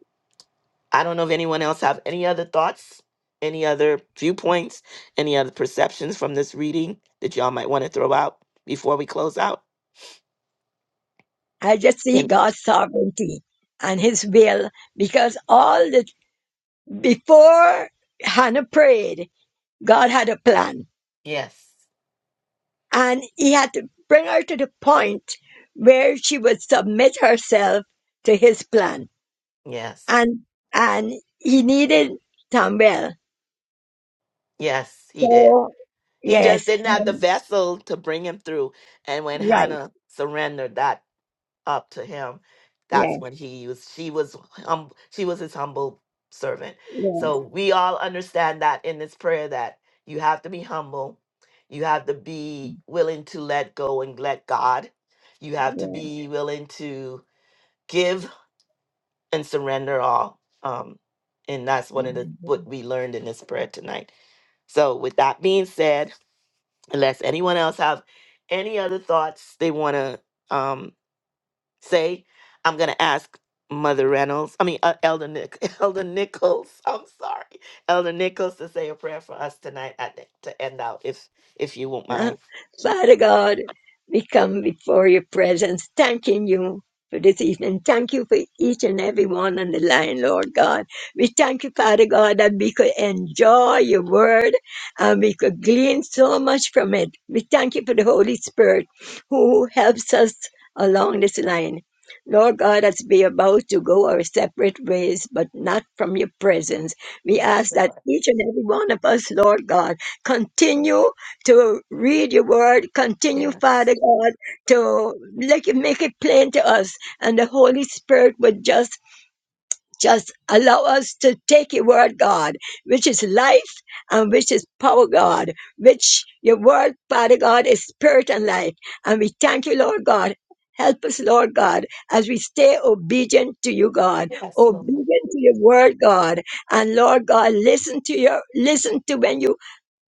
S1: i don't know if anyone else have any other thoughts any other viewpoints any other perceptions from this reading that y'all might want to throw out before we close out
S2: I just see
S1: And-
S2: God's sovereignty and his will because all the before Hannah prayed, God had a plan
S1: yes
S2: and he had to bring her to the point where she would submit herself to his plan.
S1: yes
S2: And and he needed Samuel.
S1: yes he did
S2: So
S1: He just
S2: yes,
S1: didn't have the
S2: um,
S1: vessel to bring him through. And when
S2: right,
S1: Hannah surrendered that up to him, that's
S2: yeah,
S1: when he used. She was hum, she was his humble servant. So we all understand that in this prayer that you have to be humble, you have to be willing to let go and let God, you have to
S2: yeah,
S1: be willing to give and surrender all. Um, and that's one of the what we learned in this prayer tonight. So with that being said unless anyone else has any other thoughts they want to um, say, I'm going to ask Mother Reynolds, I mean, uh, Elder, Nick, (laughs) Elder Nichols, I'm sorry, Elder Nichols to say a prayer for us tonight at the, to end out, if if you won't
S2: (laughs) Huh?
S1: mind.
S2: Father God, we come before your presence, thanking you for this evening. Thank you for each and every one on the line, Lord God. We thank you, Father God, that we could enjoy your word and we could glean so much from it. We thank you for the Holy Spirit who helps us along this line. Lord God, as we are about to go our separate ways, but not from your presence, we
S1: Yes,
S2: ask that
S1: Lord.
S2: each and every one of us, Lord God, continue to read your word. Continue,
S1: Yes.
S2: Father God, to make it, make it plain to us. And the Holy Spirit would just just allow us to take your word, God, which is life and which is power, God, which your word, Father God, is spirit and life. And we thank you, Lord God. Help us, Lord God, as we stay obedient to you, God,
S1: Yes, Lord.
S2: obedient to your word, God. And Lord God, listen to your listen to when you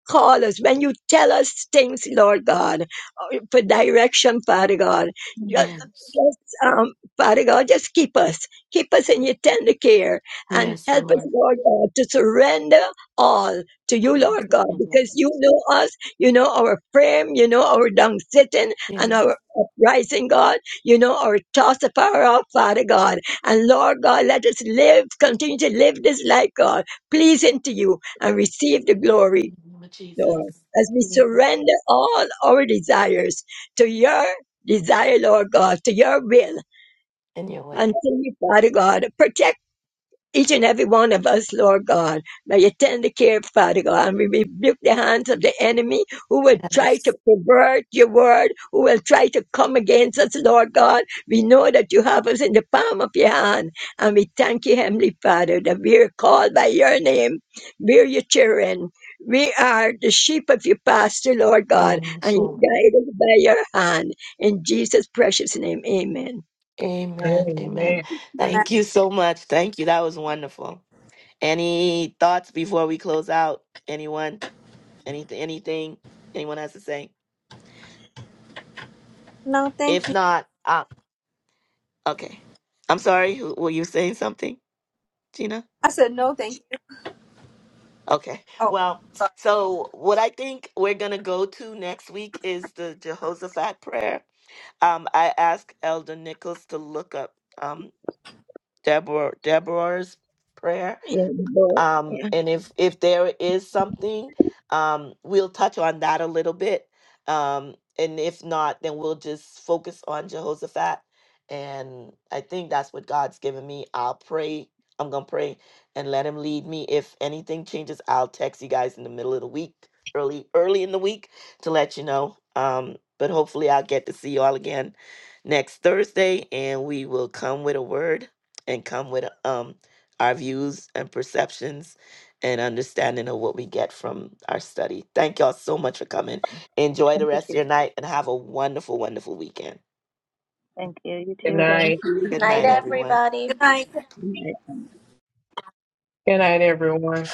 S2: call us, when you tell us things, Lord God, uh, for direction, Father God. Just,
S1: Yes.
S2: just um, Father God, just keep us, keep us in your tender care, and
S1: Yes,
S2: help us,
S1: Lord.
S2: Lord God, to surrender all to you,
S1: Oh,
S2: Lord
S1: thank
S2: God,
S1: you, Lord.
S2: because you know us, you know our frame, you know our down sitting and
S1: Yes.
S2: our uprising, God, you know our toss of power up, Father God, and Lord God, let us live, continue to live this life, God, pleasing to you, and receive the glory
S1: Lord
S2: Lord,
S1: Jesus.
S2: as we
S1: Lead us
S2: surrender all our desires to your desire, Lord God, to your will.
S1: In your way.
S2: and Until you, Father God, protect each and every one of us, Lord God. May you tender care, Father God, and we rebuke the hands of the enemy who will try to
S1: Yes.
S2: pervert your word, who will try to come against us, Lord God. We know that you have us in the palm of your hand, and we thank you, Heavenly Father, that we are called by your name. We are your children. We are the sheep of your pasture, Lord God, and
S1: Yes, Lord.
S2: you guide us by your hand. In Jesus' precious name, amen.
S1: Amen. Amen.
S4: Amen.
S1: Thank you so much. Thank you. That was wonderful. Any thoughts before we close out? Anyone? Anything? Anything? Anyone has to say?
S7: No, thank
S1: If
S7: you.
S1: not, uh, okay. I'm sorry. who- Were you saying something, Gina?
S7: I said no, thank you.
S1: Okay.
S7: Oh,
S1: Well,
S7: sorry.
S1: so what I think we're gonna go to next week is the Jehoshaphat prayer. Um, I asked Elder Nichols to look up um Deborah Deborah's prayer
S2: Yeah, Lord.
S1: um,
S2: Yeah,
S1: and if if there is something, um, we'll touch on that a little bit. Um, and if not, then we'll just focus on Jehoshaphat. And I think that's what God's given me. I'll pray. I'm gonna pray and let Him lead me. If anything changes, I'll text you guys in the middle of the week, early early in the week, to let you know. Um, but hopefully, I'll get to see you all again next Thursday, and we will come with a word and come with a um our views and perceptions and understanding of what we get from our study. Thank y'all so much for coming. Enjoy the
S3: Thank you
S1: rest of
S3: too.
S1: your night and have a wonderful, wonderful weekend.
S3: Thank you. You
S4: Good
S3: too.
S2: thank
S4: night.
S2: you.
S1: Good
S8: Night,
S1: night,
S2: Thank
S1: everyone.
S8: everybody.
S7: Good night.
S2: you.
S4: Good night, everyone.